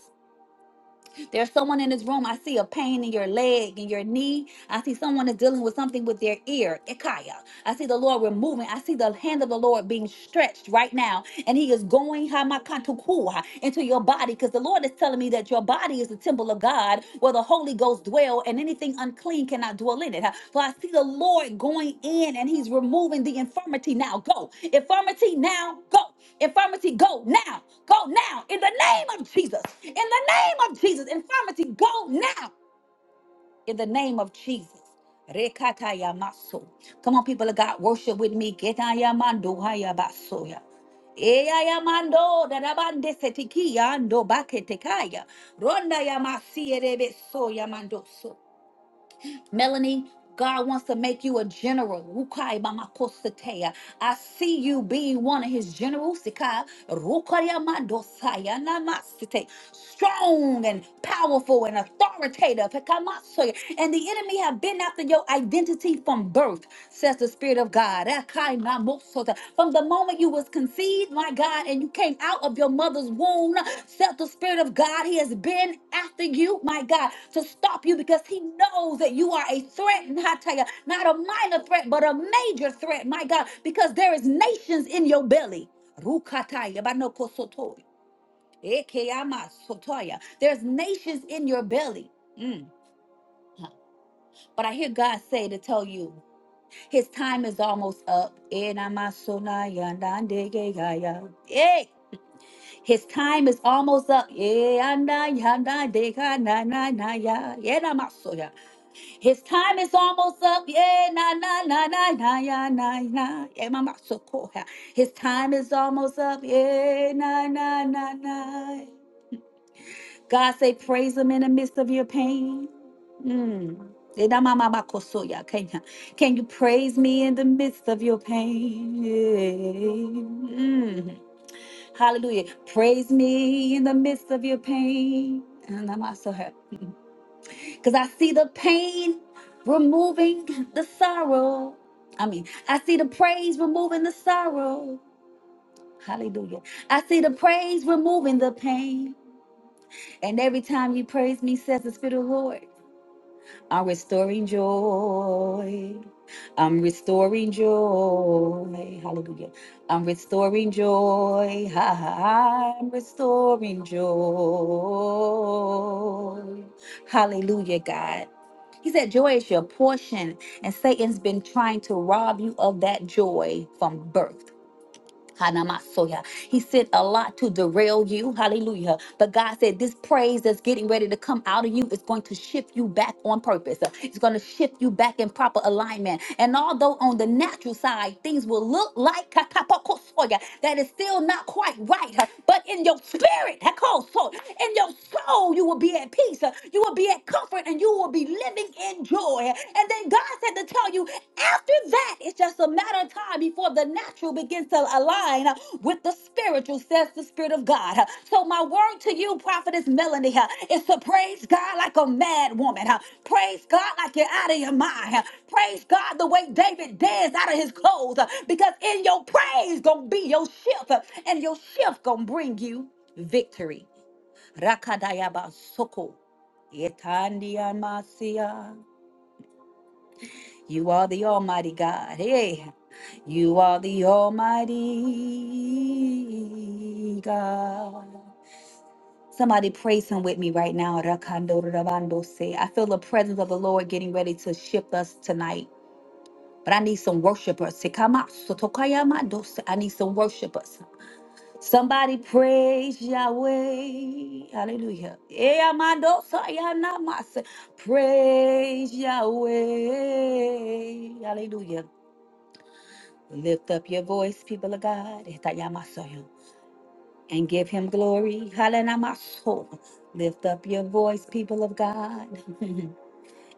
There's someone in this room. I see a pain in your leg, in your knee. I see someone is dealing with something with their ear. Ikaya. I see the Lord removing. I see the hand of the Lord being stretched right now. And he is going hamakatukuha, into your body because the Lord is telling me that your body is the temple of God God where the Holy Ghost dwell and anything unclean cannot dwell in it. For I see the Lord going in and he's removing the infirmity now. Go. Infirmity now. Go. Infirmity go now. Go now. In the name of Jesus. In the name of Jesus. Infirmity go now in the name of Jesus. Rekataya maso. Come on, people of God, worship with me. Ketaya mando haya basoya. Eya mando darabande setiki ando baketekaya. Ronda ya masiere besoya mando so. Melanie, God wants to make you a general. Rukai bamakosetea. I see you being one of his generals. Sikai, rukaya mandosaya namasite. Strong and powerful and authoritative. Hikamasoya. And the enemy have been after your identity from birth, says the spirit of of God. Akainamosota. From the moment you was conceived, my God, and you came out of your mother's womb, felt the Spirit of God. He has been after you, my God, to stop you because He knows that you are a threat. And I tell you, not a minor threat, but a major threat, my God, because there is nations in your belly. Rukataya banokosoto. Ekeyamasotoya. There's nations in your belly. Mm. But I hear God say to tell you. His time is almost up. Enamasonayanandegeyaya. Hey, his time is almost up. Eh, anaya, nandega, na na na ya. Eandayanandekanananaya. Enamasoya. His time is almost up. Eh, na na na na na ya, na na. ya Enanananayanana. ya. His time is almost up. Eh, na na na na. God say, praise him in the midst of your pain. Mm. Edamamakosoya, Can you, can you praise me in the midst of your pain? Yeah. Mm. Hallelujah. Praise me in the midst of your pain. And I'm also her. Because I see the pain removing the sorrow. I mean, I see the praise removing the sorrow. Hallelujah. I see the praise removing the pain. And every time you praise me, says the Spirit of the Lord. I'm restoring joy. I'm restoring joy. Hallelujah. I'm restoring joy. Ha, ha, ha. I'm restoring joy. Hallelujah, God. He said, Joy is your portion, and Satan's been trying to rob you of that joy from birth. Hanamasoya. He said a lot to derail you. Hallelujah. But God said this praise that's getting ready to come out of you is going to shift you back on purpose. Uh, It's going to shift you back in proper alignment. And although on the natural side things will look like kakapakosoya, that is still not quite right, uh, but in your spirit, hakoso, in your soul, you will be at peace. uh, You will be at comfort and you will be living in joy. And then God God said to tell you, after that, it's just a matter of time before the natural begins to align uh, with the spiritual, says the Spirit of God. Uh, So, my word to you, Prophetess Melanie, uh, is to praise God like a mad woman. uh, Praise God like you're out of your mind. uh, Praise God the way David danced out of his clothes, uh, because in your praise gonna be your shift, uh, and your shift gonna bring you victory. Rakadayaba soko. Yetandiamasia. You are the Almighty God. Hey, hey. you are the Almighty God. Somebody praise Him with me right now. Rakando rabando se. I feel the presence of the Lord getting ready to shift us tonight. But I need some worshipers. Sekama sotokaya mando se. I need some worshipers. Somebody praise Yahweh. Hallelujah. Eh, amando saya namase. Praise Yahweh. Hallelujah. Lift up your voice, people of God, Itayamasoyo, and give him glory. Halanamaso. Lift up your voice, people of God,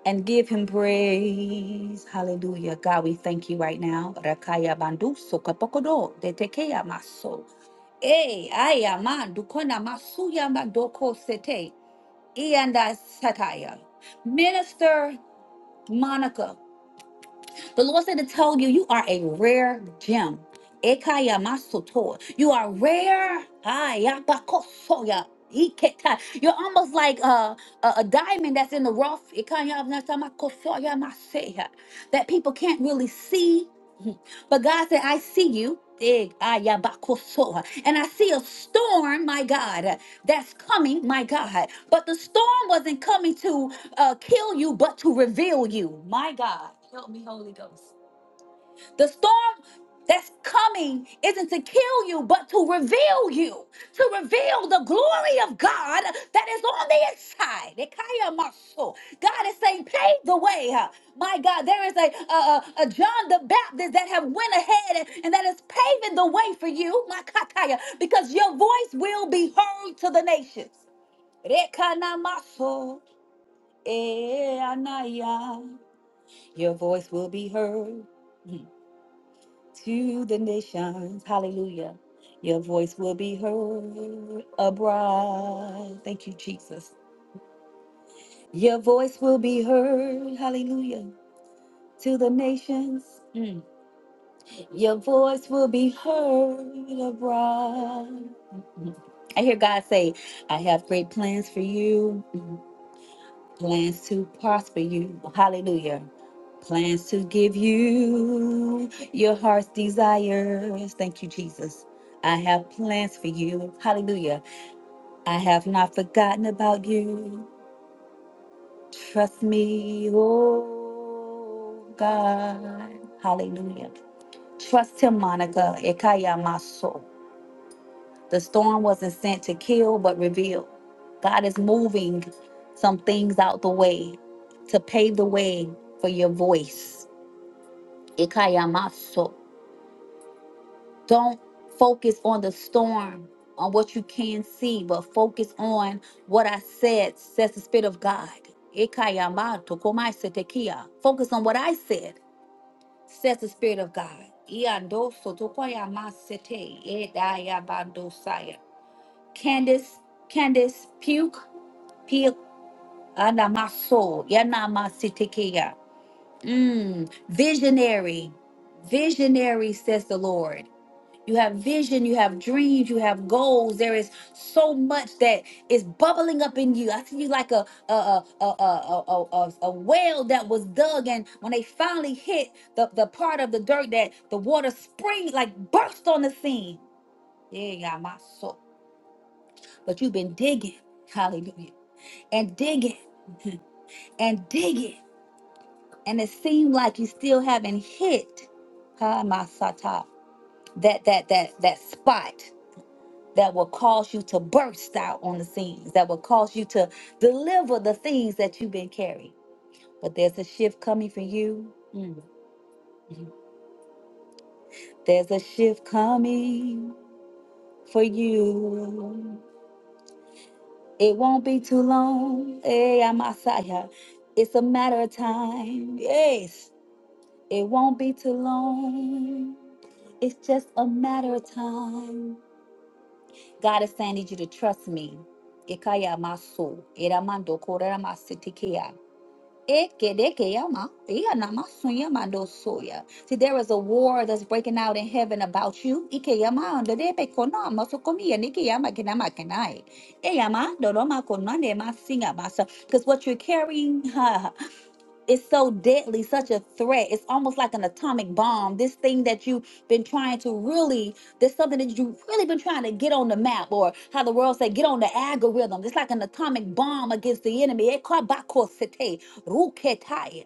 and give him praise. Hallelujah. God, we thank you right now. Rakaya bandu sokapokodo detekeya maso. Eh, aya man dukona masuya mandoko sete. Ianda sataya. Minister Monica. The Lord said to tell you, you are a rare gem. Ekaya masoto. You are rare. Ayabakosoya. Iketa. You're almost like a, a, a diamond that's in the rough. Ekaya nasamakosoya maseya. That people can't really see. But God said, I see you. Dig, ayabakosoa. And I see a storm, my God, that's coming, my God. But the storm wasn't coming to uh, kill you, but to reveal you. My God, help me, Holy Ghost. The storm that's coming isn't to kill you, but to reveal you, to reveal the glory of God that is on the inside. Ekaya maso. God is saying, pave the way. huh? My God, there is a, a, a a John the Baptist that have went ahead and, and that is paving the way for you, my kataya, because your voice will be heard to the nations. Rekanamaso. Eh, Anaya, Your voice will be heard mm, to the nations. Hallelujah. Your voice will be heard abroad. Thank you, Jesus. Your voice will be heard. Hallelujah. To the nations. Mm. Your voice will be heard abroad. Mhm. I hear God say, I have great plans for you. plans to prosper you. Hallelujah. Plans to give you your heart's desires. Thank you, Jesus. I have plans for you. Hallelujah. I have not forgotten about you. Trust me, oh God. Hallelujah. Trust him, Monica. Ekayamaso. The storm wasn't sent to kill, but reveal. God is moving some things out the way to pave the way for your voice. Ikayamaso. Don't focus on the storm, on what you can see, but focus on what I said, says the Spirit of God. Ikayamato komaisetekia. Focus on what I said, says the Spirit of God. Iandoso tokoyamasete, edayabandosaya. Candice, Candice Puke, Puke, Anamaso, Yanamasitikea. Mm, visionary, visionary, says the Lord. You have vision, you have dreams, you have goals. There is so much that is bubbling up in you. I see you like a a a a a, a, a, a well that was dug, and when they finally hit the, the part of the dirt that the water spring like burst on the scene. Yeah, yeah, my soul. But you've been digging. Hallelujah and digging and digging. And it seemed like you still haven't hit huh, my sata, that that that that spot that will cause you to burst out on the scenes, that will cause you to deliver the things that you've been carrying. But there's a shift coming for you. Mm. There's a shift coming for you. It won't be too long. Hey, Messiah. It's a matter of time. Yes. It won't be too long. It's just a matter of time. God is saying, I need you to trust me. Ikaya maso, iramando koreramasitikia. Ekedekeyama, iyanamasunyamando soya. See, there is a war that's breaking out in heaven about you. Ikeyama, ndedebekono, masukomiya, nikeyama, kinama, kinai. Eyama, dodoma, konande, masinga, masa. Because what you're carrying, it's so deadly, such a threat. It's almost like an atomic bomb. This thing that you've been trying to really, there's something that you've really been trying to get on the map, or how the world say, get on the algorithm. It's like an atomic bomb against the enemy. Eh, kabakosete, ruketai,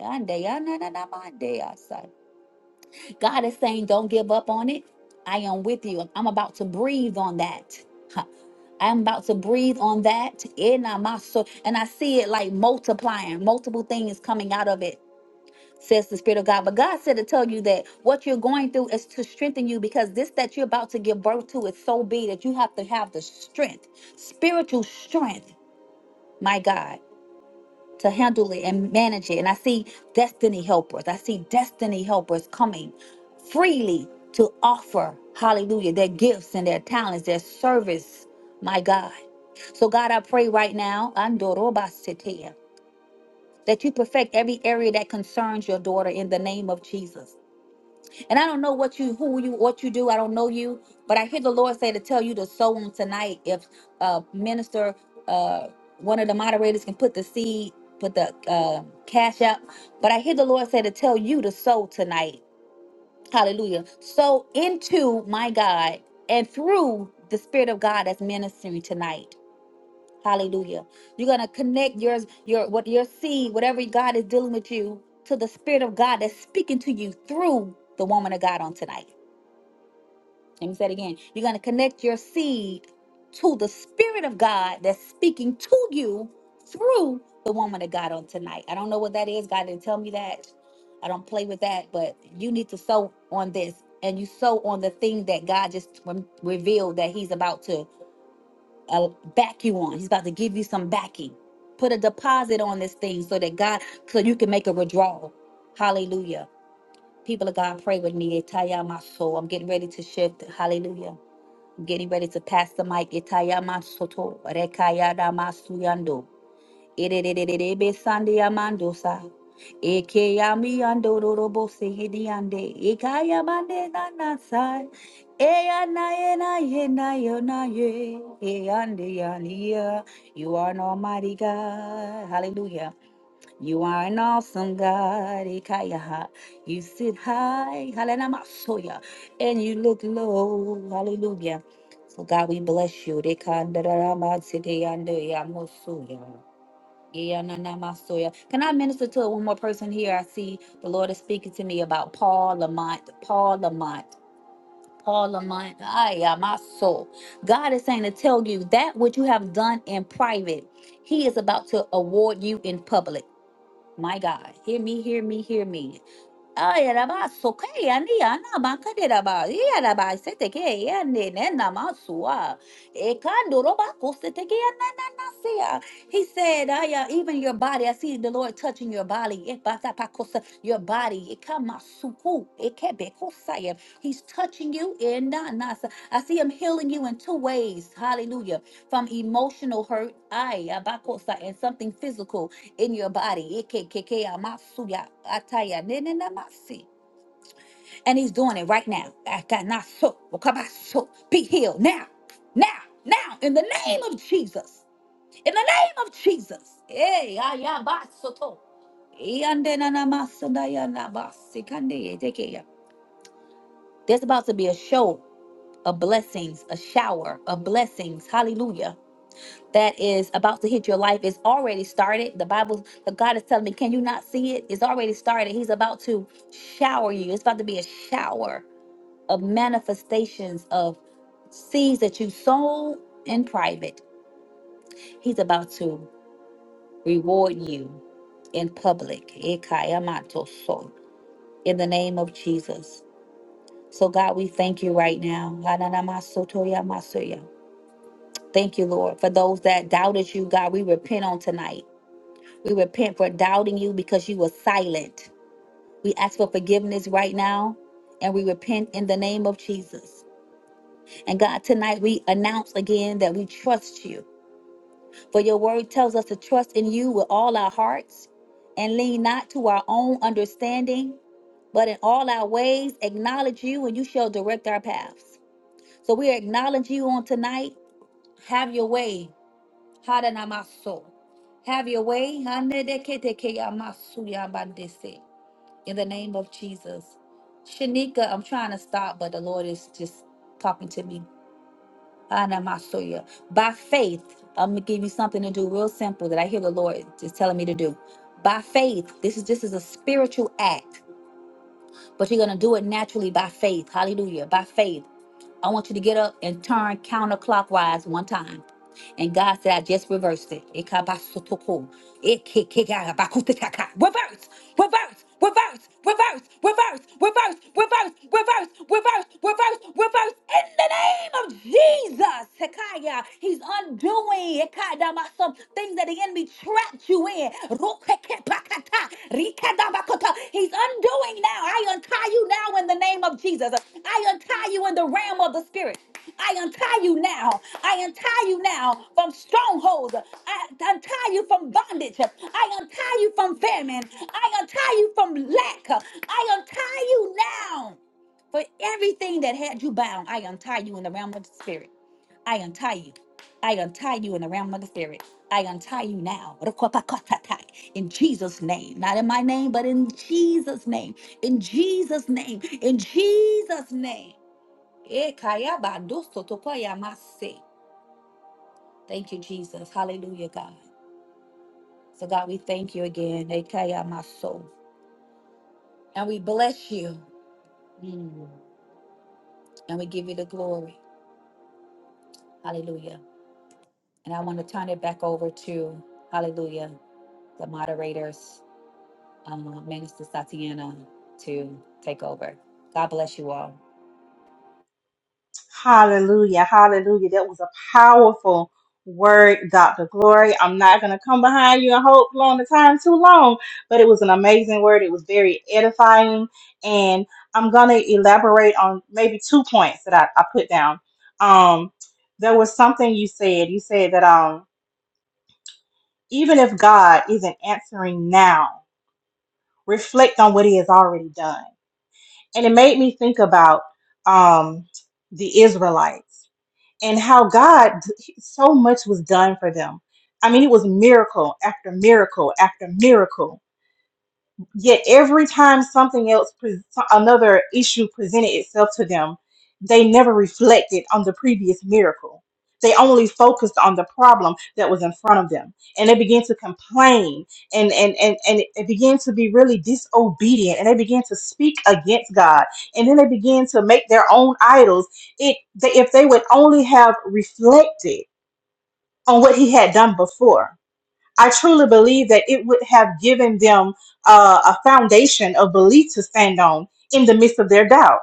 ande, ya, na, na, na, mande, ya, sa. God is saying, don't give up on it. I am with you. I'm about to breathe on that. Huh. I'm about to breathe on that in And I see it like multiplying, multiple things coming out of it says the Spirit of God. But God said to tell you that what you're going through is to strengthen you because this that you're about to give birth to is so big that you have to have the strength, spiritual strength, my God, to handle it and manage it. And I see destiny helpers. I see destiny helpers coming freely to offer, hallelujah, their gifts and their talents, their service, my God. So, God, I pray right now, Andorobasitea, that you perfect every area that concerns your daughter in the name of Jesus. And I don't know what you, who you, what you do. I don't know you, but I hear the Lord say to tell you to sow on tonight. If uh, minister, uh, one of the moderators can put the seed, put the uh, cash out. But I hear the Lord say to tell you to sow tonight. Hallelujah. Sow into my God and through the Spirit of God that's ministering tonight. Hallelujah. You're gonna connect yours, your what your seed, whatever God is dealing with you, to the Spirit of God that's speaking to you through the woman of God on tonight. Let me say it again. You're going to connect your seed to the Spirit of God that's speaking to you through the woman of God on tonight. I don't know what that is. God didn't tell me that. I don't play with that, but you need to sow on this and you sow on the thing that God just re- revealed that He's about to uh, back you on. He's about to give you some backing. Put a deposit on this thing so that God, so you can make a withdrawal. Hallelujah. People of God, pray with me. Itaya my soul. I'm getting ready to shift. Hallelujah. Getting ready to pass the mic. Itayama soto rekayada masuyando. Irerererebe sandiamandosa. Ekeyami ando rorobo sehidiande. Ikayamande nanasai. Eyana yena yena yona ye. Eyande yaniya. You are an almighty God. Hallelujah. You are an awesome God. Ikayaha. You sit high, hallelujah, and you look low. Hallelujah. So God, we bless you. Dekandaramatsideyandeyamosuya. Iyananamasoya. Can I minister to one more person here? I see the Lord is speaking to me about Paul Lamont. Paul Lamont. Paul Lamont. Ay, ah, my soul. God is saying to tell you that which you have done in private, He is about to award you in public. My God, hear me, hear me, hear me. Ay, araba, soke, ani, ana, baka de raba, i araba, se te ke, ya ne, ne, na, ma, sua. E kando roba, ko se te ke, ya na, na, na, se ya. He said, ay, uh, even your body, I see the Lord touching your body. E ba, sa, pa, Your body, e ka, ma, su, ku, e ke, be, ko, He's touching you, e na, na, I see him healing you in two ways. Hallelujah. From emotional hurt, ay, abako, sa, and something physical in your body. Ike keke amasuya ataya nenenamasi. And he's doing it right now. Atanaso, okabaso. Be healed now, now, now, in the name of Jesus. In the name of Jesus. Hey, ayabasoto. Iandenanamasundayanabasikande etekeya. There's about to be a show of blessings, a shower of blessings. Hallelujah that is about to hit your life is already started. The Bible, the God is telling me, can you not see it? It's already started. He's about to shower you. It's about to be a shower of manifestations of seeds that you sow in private. He's about to reward you in public. Ekayamatoso. In the name of Jesus. So God, we thank you right now. Hananamasotoyamasoya. Thank you, Lord, for those that doubted you, God. We repent on tonight. We repent for doubting you because you were silent. We ask for forgiveness right now and we repent in the name of Jesus. And God, tonight we announce again that we trust you. For your word tells us to trust in you with all our hearts and lean not to our own understanding, but in all our ways acknowledge you and you shall direct our paths. So we acknowledge you on tonight. Have your way. Hadanamaso. Have your way. Hanedeketekeyamasuya bandese. in the name of Jesus. Shanika, I'm trying to stop, but the Lord is just talking to me. Anamasoya. By faith, I'm gonna give you something to do real simple that I hear the Lord just telling me to do. By faith, this is this is a spiritual act, but you're gonna do it naturally by faith. Hallelujah. By faith. I want you to get up and turn counterclockwise one time. And God said, I just reversed it. Ikabasotoko. Ikikikabakutitaka. Reverse, reverse, reverse, reverse, reverse, reverse, reverse, reverse, reverse, reverse, reverse. In the name of Jesus, Sekaya, He's undoing Ikadamaso, things that the enemy trapped you in. Rukekepakata, Rikadabakota. He's undoing now. I untie you now in the name of Jesus. I untie you in the realm of the Spirit. I untie you now. I untie you now from strongholds. I untie you from bondage. I untie you from famine. I untie you from lack. I untie you now for everything that had you bound. I untie you in the realm of the spirit. I untie you. I untie you in the realm of the spirit. I untie you now. In Jesus' name. Not in my name, but in Jesus' name. In Jesus' name. In Jesus' name. Eh, kaya ba do soto pa Thank you, Jesus. Hallelujah, God. So, God, we thank you again. Eh, kaya maso. And we bless you. Mm. And we give you the glory. Hallelujah. And I want to turn it back over to, hallelujah, the moderators, um, Minister Satiana, to take over. God bless you all. Hallelujah. Hallelujah. That was a powerful word, Dr. Glory. I'm not going to come behind you and hold long the time too long, but it was an amazing word. It was very edifying. And I'm going to elaborate on maybe two points that I, I put down. Um, there was something you said. You said that um, even if God isn't answering now, reflect on what he has already done. And it made me think about um, the Israelites and how God so much was done for them. I mean, it was miracle after miracle after miracle Yet every time something else, pre- so, another issue presented itself to them, they never reflected on the previous miracle. They only focused on the problem that was in front of them, and they began to complain, and and and and it began to be really disobedient, and they began to speak against God, and then they began to make their own idols. It they, if they would only have reflected on what He had done before, I truly believe that it would have given them uh, a foundation of belief to stand on in the midst of their doubt.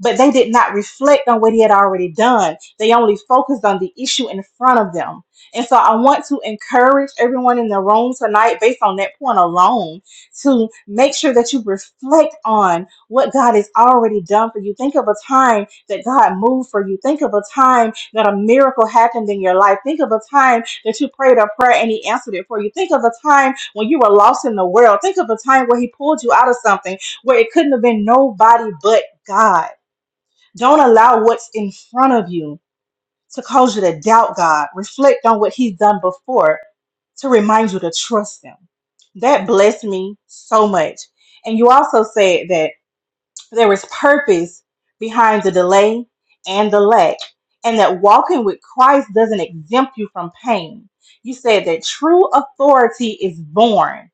But they did not reflect on what he had already done. They only focused on the issue in front of them. And so I want to encourage everyone in the room tonight, based on that point alone, to make sure that you reflect on what God has already done for you. Think of a time that God moved for you. Think of a time that a miracle happened in your life. Think of a time that you prayed a prayer and he answered it for you. Think of a time when you were lost in the world. Think of a time where he pulled you out of something where it couldn't have been nobody but God. Don't allow what's in front of you to cause you to doubt God. Reflect on what he's done before to remind you to trust him. That blessed me so much. And you also said that there is purpose behind the delay and the lack, and that walking with Christ doesn't exempt you from pain. You said that true authority is born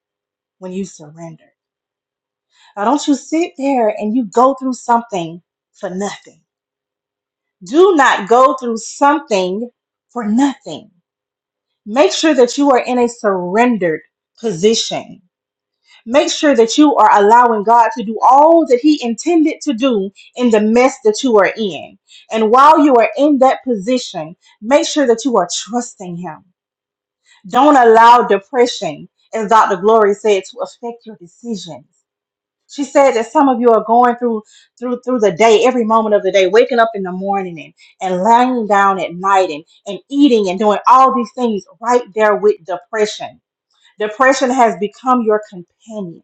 when you surrender. Now, don't you sit there and you go through something for nothing. Do not go through something for nothing. Make sure that you are in a surrendered position Make sure that you are allowing God to do all that He intended to do in the mess that you are in. And while you are in that position, make sure that you are trusting Him. Don't allow depression, as Dr. Glory said, to affect your decisions. She said that some of you are going through through through the day, every moment of the day, waking up in the morning and, and lying down at night and, and eating and doing all these things right there with depression. Depression has become your companion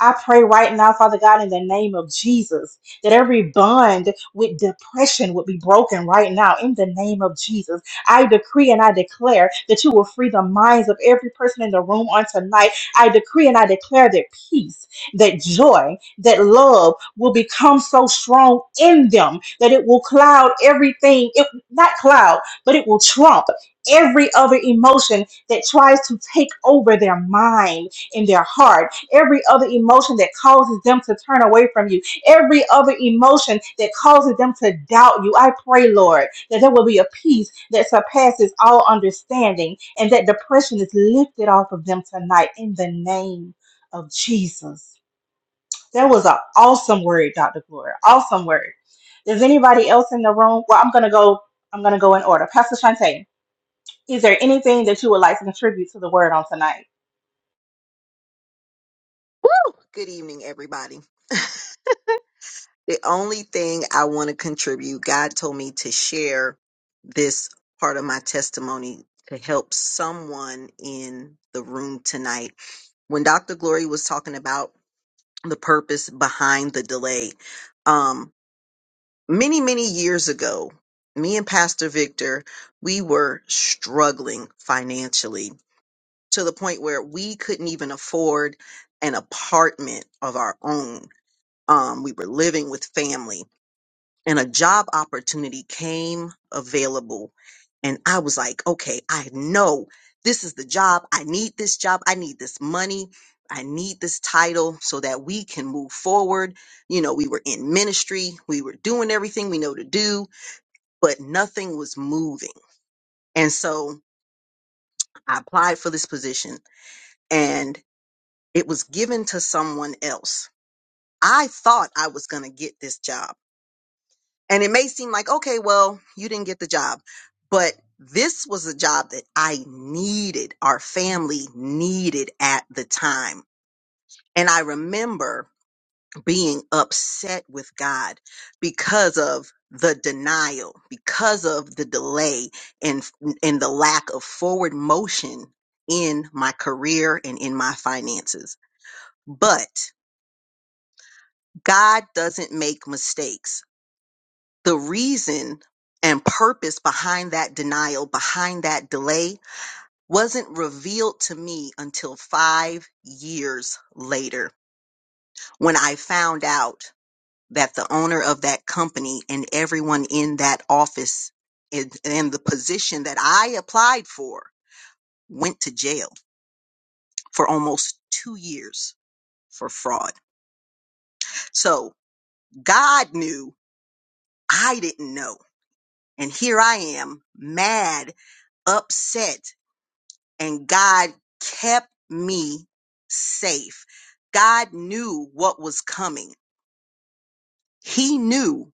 I pray right now, Father God, in the name of Jesus, that every bond with depression would be broken right now in the name of Jesus. I decree and I declare that you will free the minds of every person in the room on tonight. I decree and I declare that peace, that joy, that love will become so strong in them that it will cloud everything, it not cloud, but it will trump every other emotion that tries to take over their mind and their heart every other emotion that causes them to turn away from you, every other emotion that causes them to doubt you. I pray, Lord, that there will be a peace that surpasses all understanding and that depression is lifted off of them tonight in the name of Jesus. That was an awesome word, Dr. Gloria. Awesome word. Does anybody else in the room? Well, I'm gonna go, I'm gonna go in order. Pastor Shante, is there anything that you would like to contribute to the word on tonight? Woo! Good evening, everybody. The only thing I want to contribute, God told me to share this part of my testimony to help someone in the room tonight. When Dr. Glory was talking about the purpose behind the delay, um, many, many years ago, me and Pastor Victor, we were struggling financially to the point where we couldn't even afford an apartment of our own um, we were living with family and a job opportunity came available and i was like okay i know this is the job i need this job i need this money i need this title so that we can move forward you know we were in ministry we were doing everything we know to do but nothing was moving and so i applied for this position and it was given to someone else i thought i was going to get this job And it may seem like, okay, well, you didn't get the job, but this was a job that I needed, our family needed at the time. And I remember being upset with God because of the denial, because of the delay and, and the lack of forward motion in my career and in my finances. But God doesn't make mistakes. the reason and purpose behind that denial, behind that delay, wasn't revealed to me until five years later when I found out that the owner of that company and everyone in that office and and the position that I applied for went to jail for almost two years for fraud. So God knew I didn't know. And here I am, mad upset and God kept me safe. God knew what was coming. He knew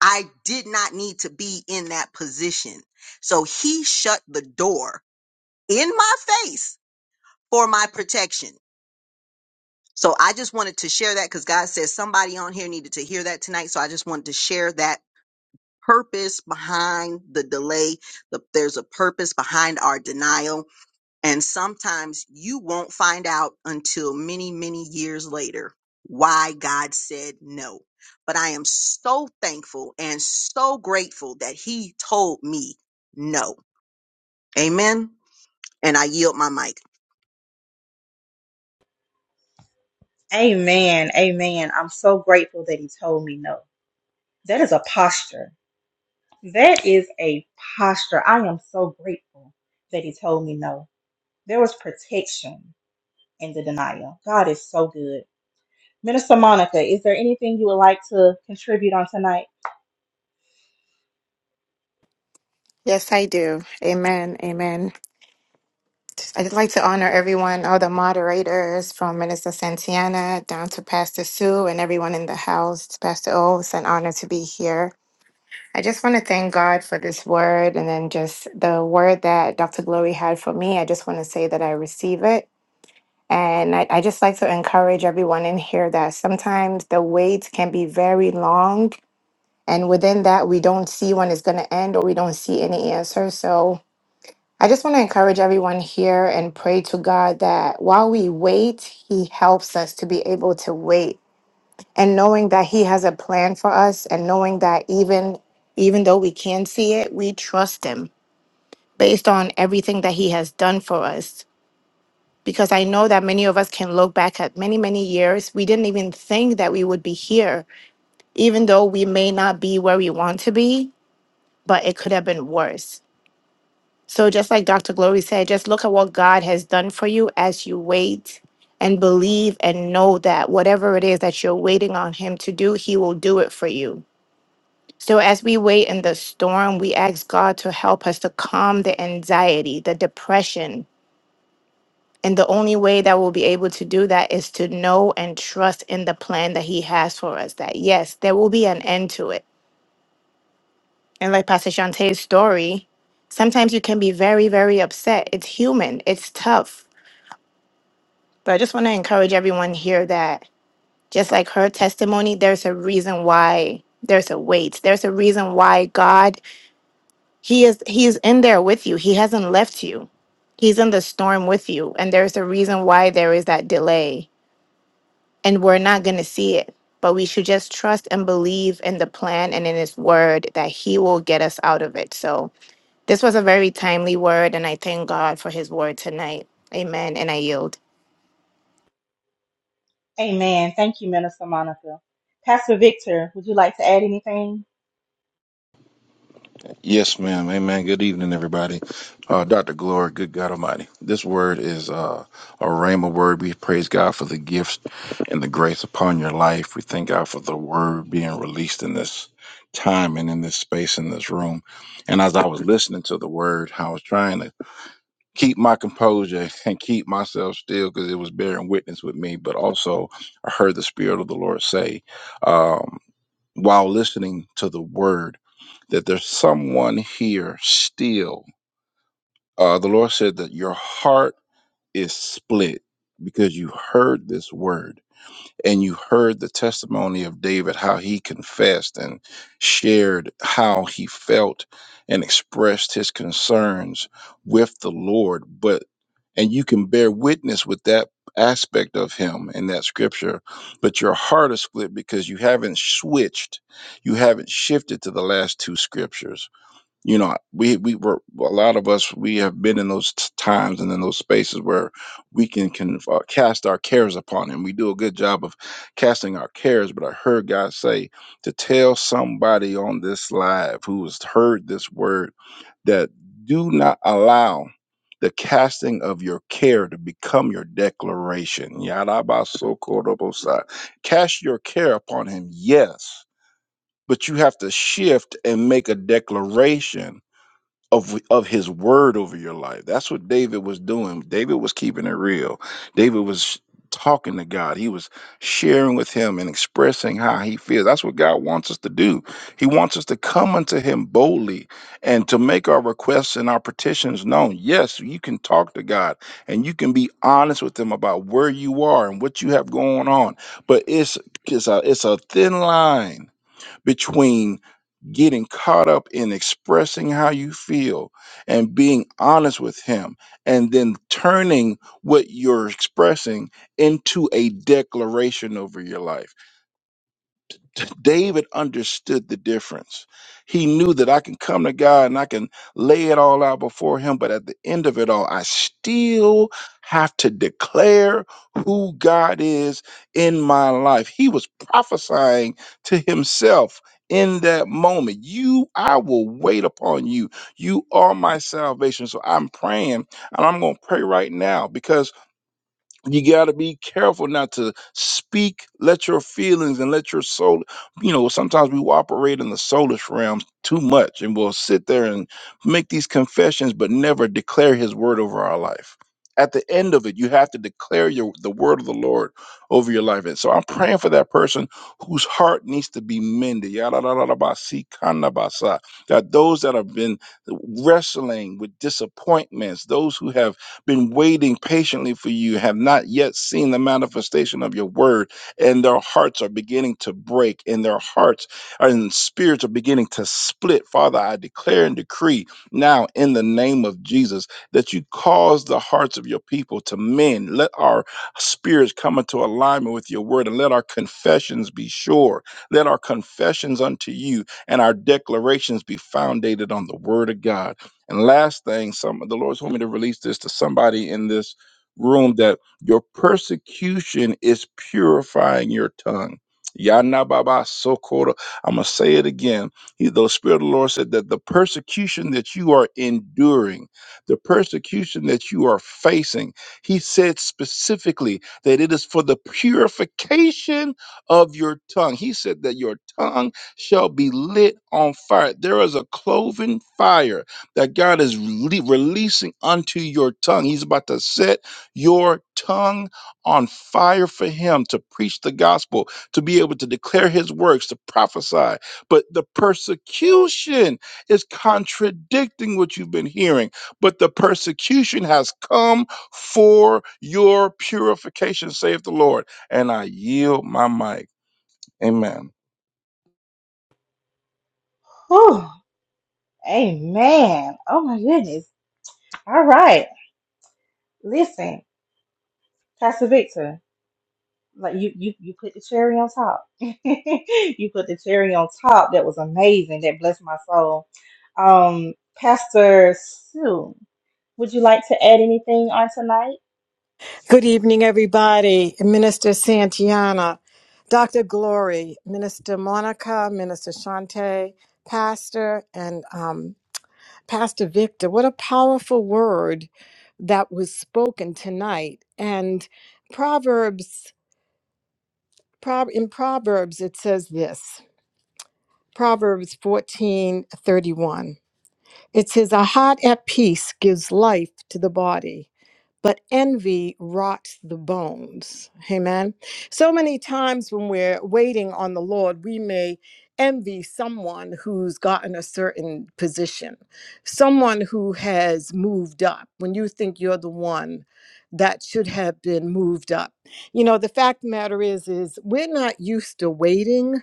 I did not need to be in that position. So he shut the door in my face for my protection. So I just wanted to share that because God says somebody on here needed to hear that tonight. So I just wanted to share that purpose behind the delay. The, there's a purpose behind our denial And sometimes you won't find out until many, many years later why God said no. But I am so thankful and so grateful that He told me no. Amen. And I yield my mic. Amen. Amen. I'm so grateful that he told me no. That is a posture. That is a posture. I am so grateful that he told me no. There was protection in the denial. God is so good. Minister Monica, is there anything you would like to contribute on tonight? Yes, I do. Amen. Amen. I'd like to honor everyone, all the moderators from Minister Santiana down to Pastor Sue and everyone in the house. Pastor O, it's an honor to be here. I just want to thank God for this word and then just the word that Dr. Glory had for me. I just want to say that I receive it. And I, I just like to encourage everyone in here that sometimes the wait can be very long. And within that, we don't see when it's going to end or we don't see any answer. So I just want to encourage everyone here and pray to God that while we wait, He helps us to be able to wait. And knowing that He has a plan for us and knowing that even even though we can't see it, we trust Him based on everything that He has done for us. Because I know that many of us can look back at many, many years. We didn't even think that we would be here, even though we may not be where we want to be, but it could have been worse. So just like Dr. Glory said, just look at what God has done for you as you wait and believe and know that whatever it is that you're waiting on him to do, he will do it for you. So as we wait in the storm, we ask God to help us to calm the anxiety, the depression. And the only way that we'll be able to do that is to know and trust in the plan that he has for us. That yes, there will be an end to it. And like Pastor Shantae's story, sometimes you can be very, very upset. It's human, it's tough But I just want to encourage everyone here that just like her testimony, there's a reason why there's a wait. There's a reason why God, He is He is in there with you. He hasn't left you. He's in the storm with you. And there's a reason why there is that delay. And we're not gonna see it. But we should just trust and believe in the plan and in his word that he will get us out of it. So this was a very timely word, and I thank God for his word tonight. Amen. And I yield. Amen. Thank you, Minister Monica. Pastor Victor, would you like to add anything? Yes, ma'am. Amen. Good evening, everybody. Uh, Dr. Glory, good God Almighty. This word is uh, a rhema word. We praise God for the gifts and the grace upon your life. We thank God for the word being released in this time and in this space, in this room. And as I was listening to the word, I was trying to keep my composure and keep myself still because it was bearing witness with me. But also, I heard the Spirit of the Lord say, um, while listening to the word, that there's someone here still. Uh, the Lord said that your heart is split because you heard this word and you heard the testimony of David, how he confessed and shared how he felt and expressed his concerns with the Lord. But, and you can bear witness with that aspect of him in that scripture, but your heart is split because you haven't switched, you haven't shifted to the last two scriptures you know we we were a lot of us we have been in those t- times and in those spaces where we can can uh, cast our cares upon him we do a good job of casting our cares but i heard god say to tell somebody on this live who has heard this word that do not allow the casting of your care to become your declaration. Yarabasokorobosai. Cast your care upon him, yes, but you have to shift and make a declaration of of his word over your life. That's what David was doing. David was keeping it real. David was talking to God. He was sharing with him and expressing how he feels. That's what God wants us to do. He wants us to come unto him boldly and to make our requests and our petitions known. Yes, you can talk to God and you can be honest with him about where you are and what you have going on. But it's it's a it's a thin line between getting caught up in expressing how you feel and being honest with him and then turning what you're expressing into a declaration over your life David understood the difference. He knew that I can come to God and I can lay it all out before him, but at the end of it all, I still have to declare who God is in my life. He was prophesying to himself in that moment. You, I will wait upon you. You are my salvation. So I'm praying and I'm going to pray right now because you got to be careful not to speak let your feelings and let your soul you know sometimes we operate in the soulish realm too much and we'll sit there and make these confessions but never declare his word over our life at the end of it you have to declare your the word of the lord over your life and so i'm praying for that person whose heart needs to be mended Yada da da da ba si that those that have been wrestling with disappointments those who have been waiting patiently for you, have not yet seen the manifestation of your word, and their hearts are beginning to break, and their hearts and spirits are beginning to split. Father, I declare and decree now in the name of Jesus that you cause the hearts of your people to mend. Let our spirits come into alignment with your word, and let our confessions be sure. Let our confessions unto you and our declarations be founded on the word of God. And last thing, some the Lord's told me to release this to somebody in this room that your persecution is purifying your tongue. Yana baba sokora. I'm gonna say it again. He, the Spirit of the Lord said that the persecution that you are enduring, the persecution that you are facing, He said specifically that it is for the purification of your tongue. He said that your tongue shall be lit on fire. There is a cloven fire that God is rele- releasing unto your tongue. He's about to set your tongue on fire for Him to preach the gospel, to be able to declare His works, to prophesy. But the persecution is contradicting what you've been hearing. But the persecution has come for your purification, saith the Lord. And I yield my mic. Amen. Whew. Amen. Oh my goodness. All right. Listen, Pastor Victor. Like you, you, you put the cherry on top. you put the cherry on top. That was amazing. That blessed my soul. Um, Pastor Sue, would you like to add anything on tonight? Good evening, everybody. Minister Santiana, Dr. Glory, Minister Monica, Minister Shante, Pastor, and um, Pastor Victor. What a powerful word that was spoken tonight. And Proverbs, Pro- in Proverbs, it says this Proverbs fourteen thirty one. It says, A heart at peace gives life to the body, but envy rots the bones. Amen. So many times when we're waiting on the Lord, we may envy someone who's gotten a certain position, someone who has moved up when you think you're the one that should have been moved up. You know, the fact of the matter is is we're not used to waiting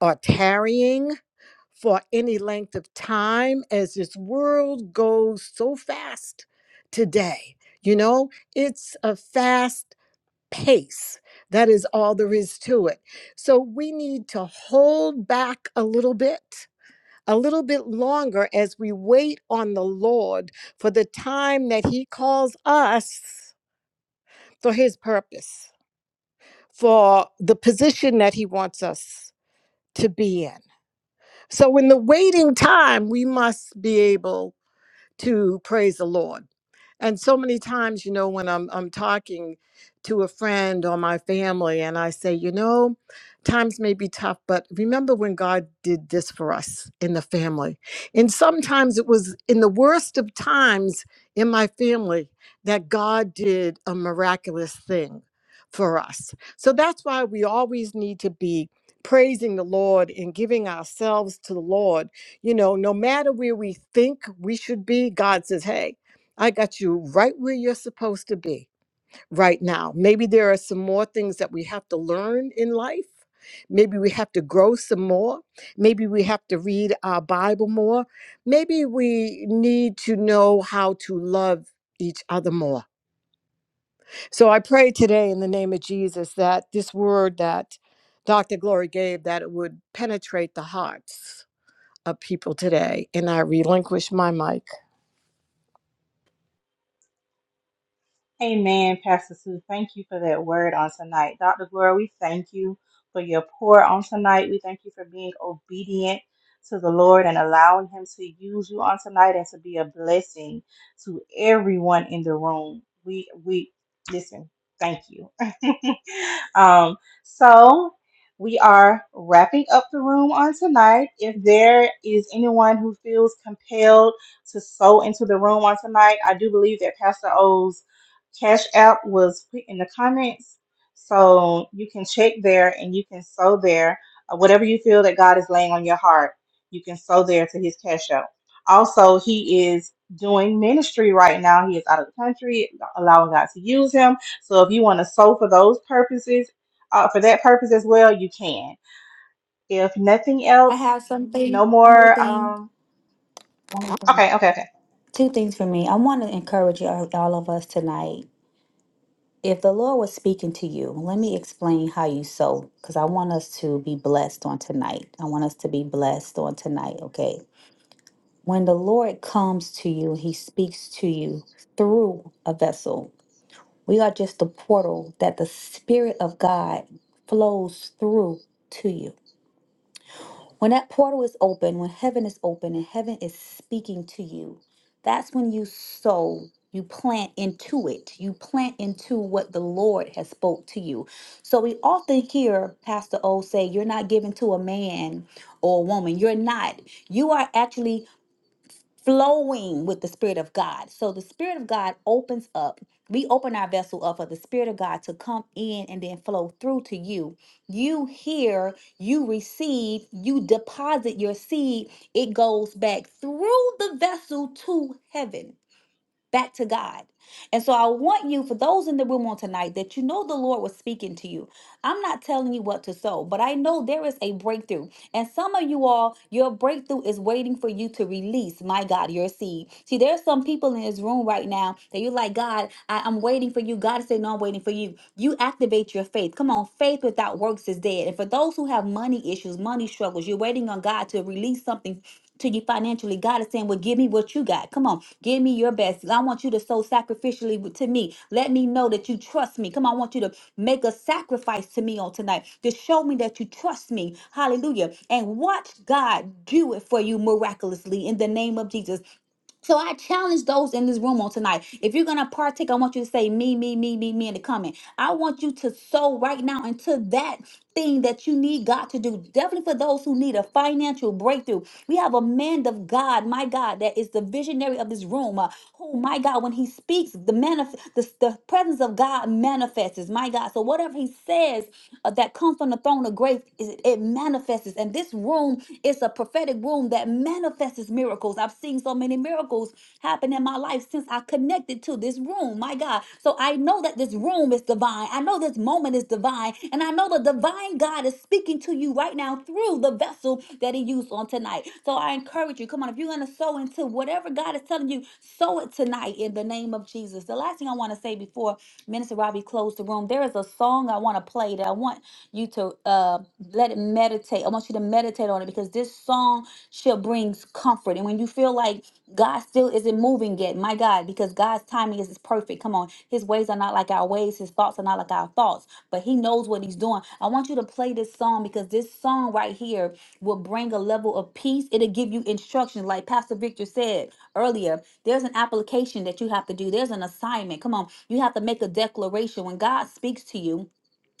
or tarrying for any length of time as this world goes so fast today. You know, it's a fast pace. That is all there is to it. So we need to hold back a little bit, a little bit longer as we wait on the Lord for the time that He calls us for His purpose, for the position that He wants us to be in. So in the waiting time, we must be able to praise the Lord. And so many times, you know, when I'm I'm talking to a friend or my family and I say, you know, times may be tough, but remember when God did this for us in the family. And sometimes it was in the worst of times in my family that God did a miraculous thing for us. So that's why we always need to be praising the Lord and giving ourselves to the Lord you know, no matter where we think we should be, God says, Hey, I got you right where you're supposed to be right now. Maybe there are some more things that we have to learn in life. Maybe we have to grow some more. Maybe we have to read our Bible more. Maybe we need to know how to love each other more. So I pray today in the name of Jesus that this word that Dr. Glory gave that it would penetrate the hearts of people today. And I relinquish my mic. Amen, Pastor Sue. Thank you for that word on tonight. Dr. Gloria, we thank you for your pour on tonight. We thank you for being obedient to the Lord and allowing Him to use you on tonight and to be a blessing to everyone in the room. We we listen, thank you. um, so we are wrapping up the room on tonight. If there is anyone who feels compelled to sow into the room on tonight, I do believe that Pastor O's Cash App was put in the comments. So you can check there and you can sow there uh, whatever you feel that God is laying on your heart. You can sow there to his Cash App. Also, he is doing ministry right now. He is out of the country, allowing God to use him. So if you want to sow for those purposes, uh, for that purpose as well, you can. If nothing I else, have something, no one more more. thing, Um, one more thing, okay, okay, okay. two things for me. I want to encourage you, all all of us tonight. If the Lord was speaking to you, let me explain how you sow because I want us to be blessed on tonight. I want us to be blessed on tonight, okay? When the Lord comes to you, he speaks to you through a vessel. We are just the portal that the Spirit of God flows through to you. When that portal is open, when heaven is open and heaven is speaking to you, that's when you sow, you plant into it. You plant into what the Lord has spoke to you. So we often hear Pastor O say, you're not giving to a man or a woman. You're not. You are actually flowing with the Spirit of God. So the Spirit of God opens up. We open our vessel up for the Spirit of God to come in and then flow through to you. You hear, you receive, you deposit your seed. It goes back through the vessel to heaven back to God. And so I want you, for those in the room on tonight, that you know the Lord was speaking to you. I'm not telling you what to sow, but I know there is a breakthrough. And some of you all, your breakthrough is waiting for you to release, my God, your seed. See, there are some people in this room right now that you're like, God, I, I'm waiting for you. God said, No, I'm waiting for you. You activate your faith. Come on, faith without works is dead. And for those who have money issues, money struggles, you're waiting on God to release something to you financially. God is saying, Well, give me what you got. Come on, give me your best. I want you to sow sacrificially w- to me. Let me know that you trust me. Come on, I want you to make a sacrifice to me on tonight to show me that you trust me. Hallelujah. And watch God do it for you miraculously in the name of Jesus. So I challenge those in this room on tonight. If you're gonna partake, I want you to say me, me, me, me, me in the comment. I want you to sow right now into that thing that you need God to do. Definitely for those who need a financial breakthrough. We have a man of God, my God, that is the visionary of this room. uh, who, my God, when he speaks, the manif- the, the presence of God manifests, my God. So whatever he says uh, that comes from the throne of grace, it, it manifests. And this room is a prophetic room that manifests miracles. I've seen so many miracles happen in my life since I connected to this room. My God. So I know that this room is divine. I know this moment is divine. And I know the divine God is speaking to you right now through the vessel that He used on tonight. So I encourage you, come on, if you're going to sow into whatever God is telling you, sow it tonight in the name of Jesus. The last thing I want to say before Minister Robbie closed the room, there is a song I want to play that I want you to uh, let let it meditate. I want you to meditate on it because this song shall brings comfort. And when you feel like God still isn't moving yet, my God, because God's timing is is perfect. Come on. His ways are not like our ways, his thoughts are not like our thoughts, but he knows what he's doing. I want you to play this song because this song right here will bring a level of peace. It'll give you instructions. Like Pastor Victor said earlier, there's an application that you have to do. There's an assignment. Come on. You have to make a declaration. When God speaks to you,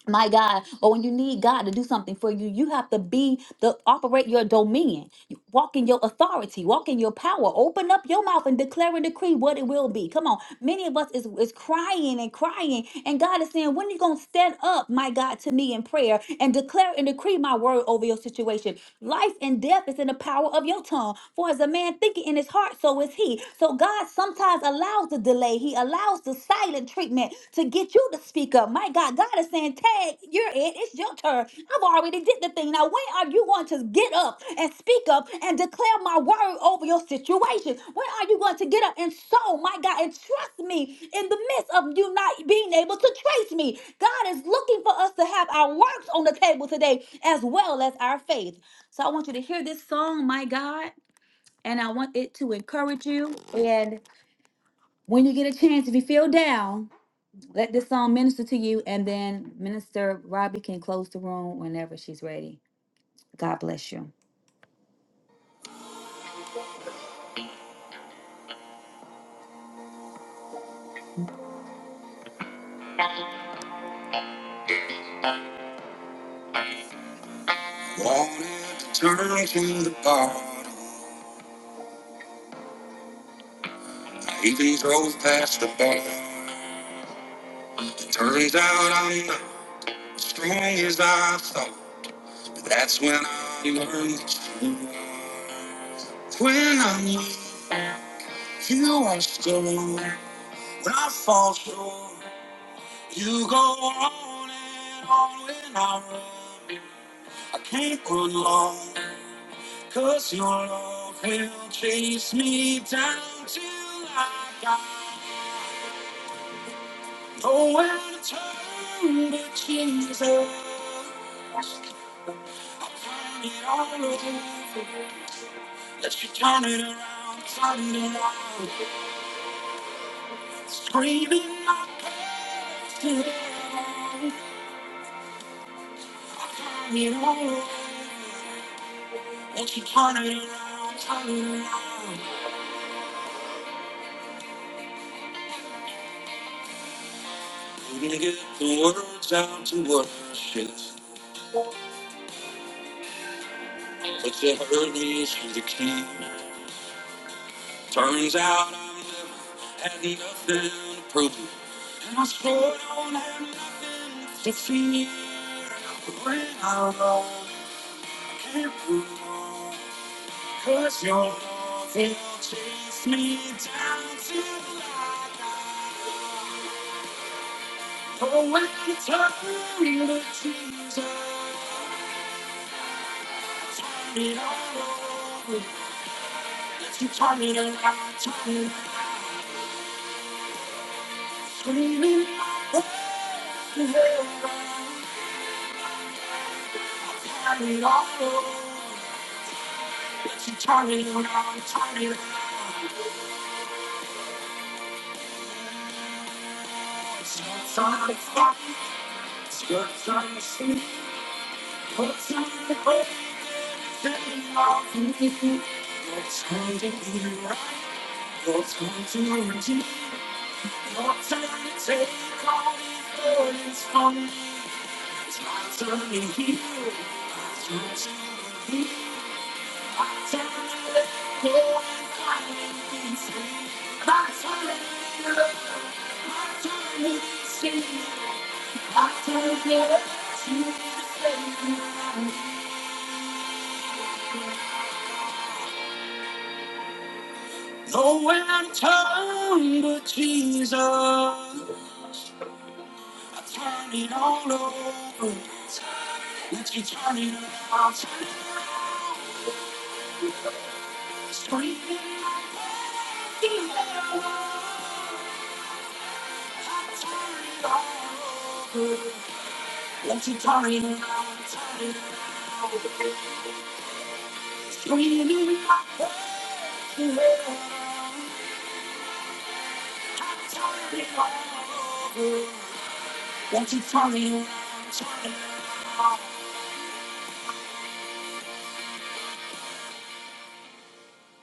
my God, or when you need God to do something for you, you have to be the operate your dominion, walk in your authority, walk in your power. Open up your mouth and declare and decree what it will be. Come on, many of us is, is crying and crying, and God is saying, When are you gonna stand up, my God, to me in prayer and declare and decree my word over your situation? Life and death is in the power of your tongue, for as a man thinking in his heart, so is he. So God sometimes sometimes allows the delay. He allows the silent treatment to get you to speak up. My God, God is saying, Tag, you're it. It's your turn. I've already did the thing. Now, when are you going to get up and speak up and declare my word over your situation? When are you going to get up and sow, my God, and trust me in the midst of you not being able to trace me? God is looking for us to have our works on the table today as well as our faith. So I want you to hear this song, my God, and I want it to encourage you when you get a chance, if you feel down, let this song minister to you, and then Minister Robbie can close the room whenever she's ready. God bless you. Wanted to turn to the bar. I even drove past the bar. It turns out I'm not as strong as I thought. But that's when I learned the truth. When I knew you are still on. When I fall short, you go on and on when I run. I can't go long, cause your love will chase me down till I got nowhere to turn but Jesus. I'll turn it all over. Let you turn it around, turn it around. Screaming my past to the ground. I'll turn it all over. Let you turn it around, turn it around. Couldn't get the words out to worship, but you heard me through the key. Turns out I'm living, had nothing to prove, and I sure don't have nothing to fear. When I'm wrong, I can't prove wrong, 'cause your love will chase me down till I die. Oh, when you turn the tears, turn it all over. You taught me to lie, taught me to scream in my world. I carried all alone. But you taught me to lie, taught me to lie. Skirts on the clock, skirts on the street, hooks on the hook, setting off me. What's going to be right? What's going to repeat? What's going to take all these burdens from me? It's my turn to heal. My turn to heal. No one turn but Jesus. I turn it all over. Let you turn it around. Turn it around. Screaming like a the I turn it all over. Let you turn it around, turn it around. Screaming my praise, I'm turning Let you turn it around, turn it around.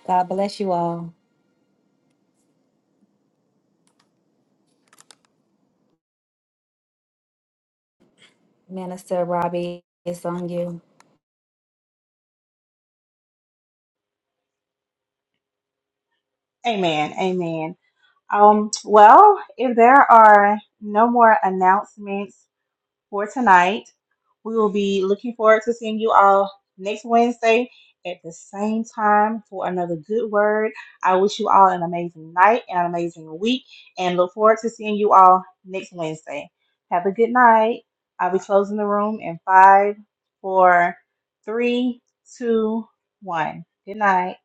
God bless you all. Minister Robbie, it's on you. Amen. Amen. Um, well, if there are no more announcements for tonight, we will be looking forward to seeing you all next Wednesday at the same time for another good word. I wish you all an amazing night and an amazing week, and look forward to seeing you all next Wednesday. Have a good night. I'll be closing the room in five, four, three, two, one. Good night.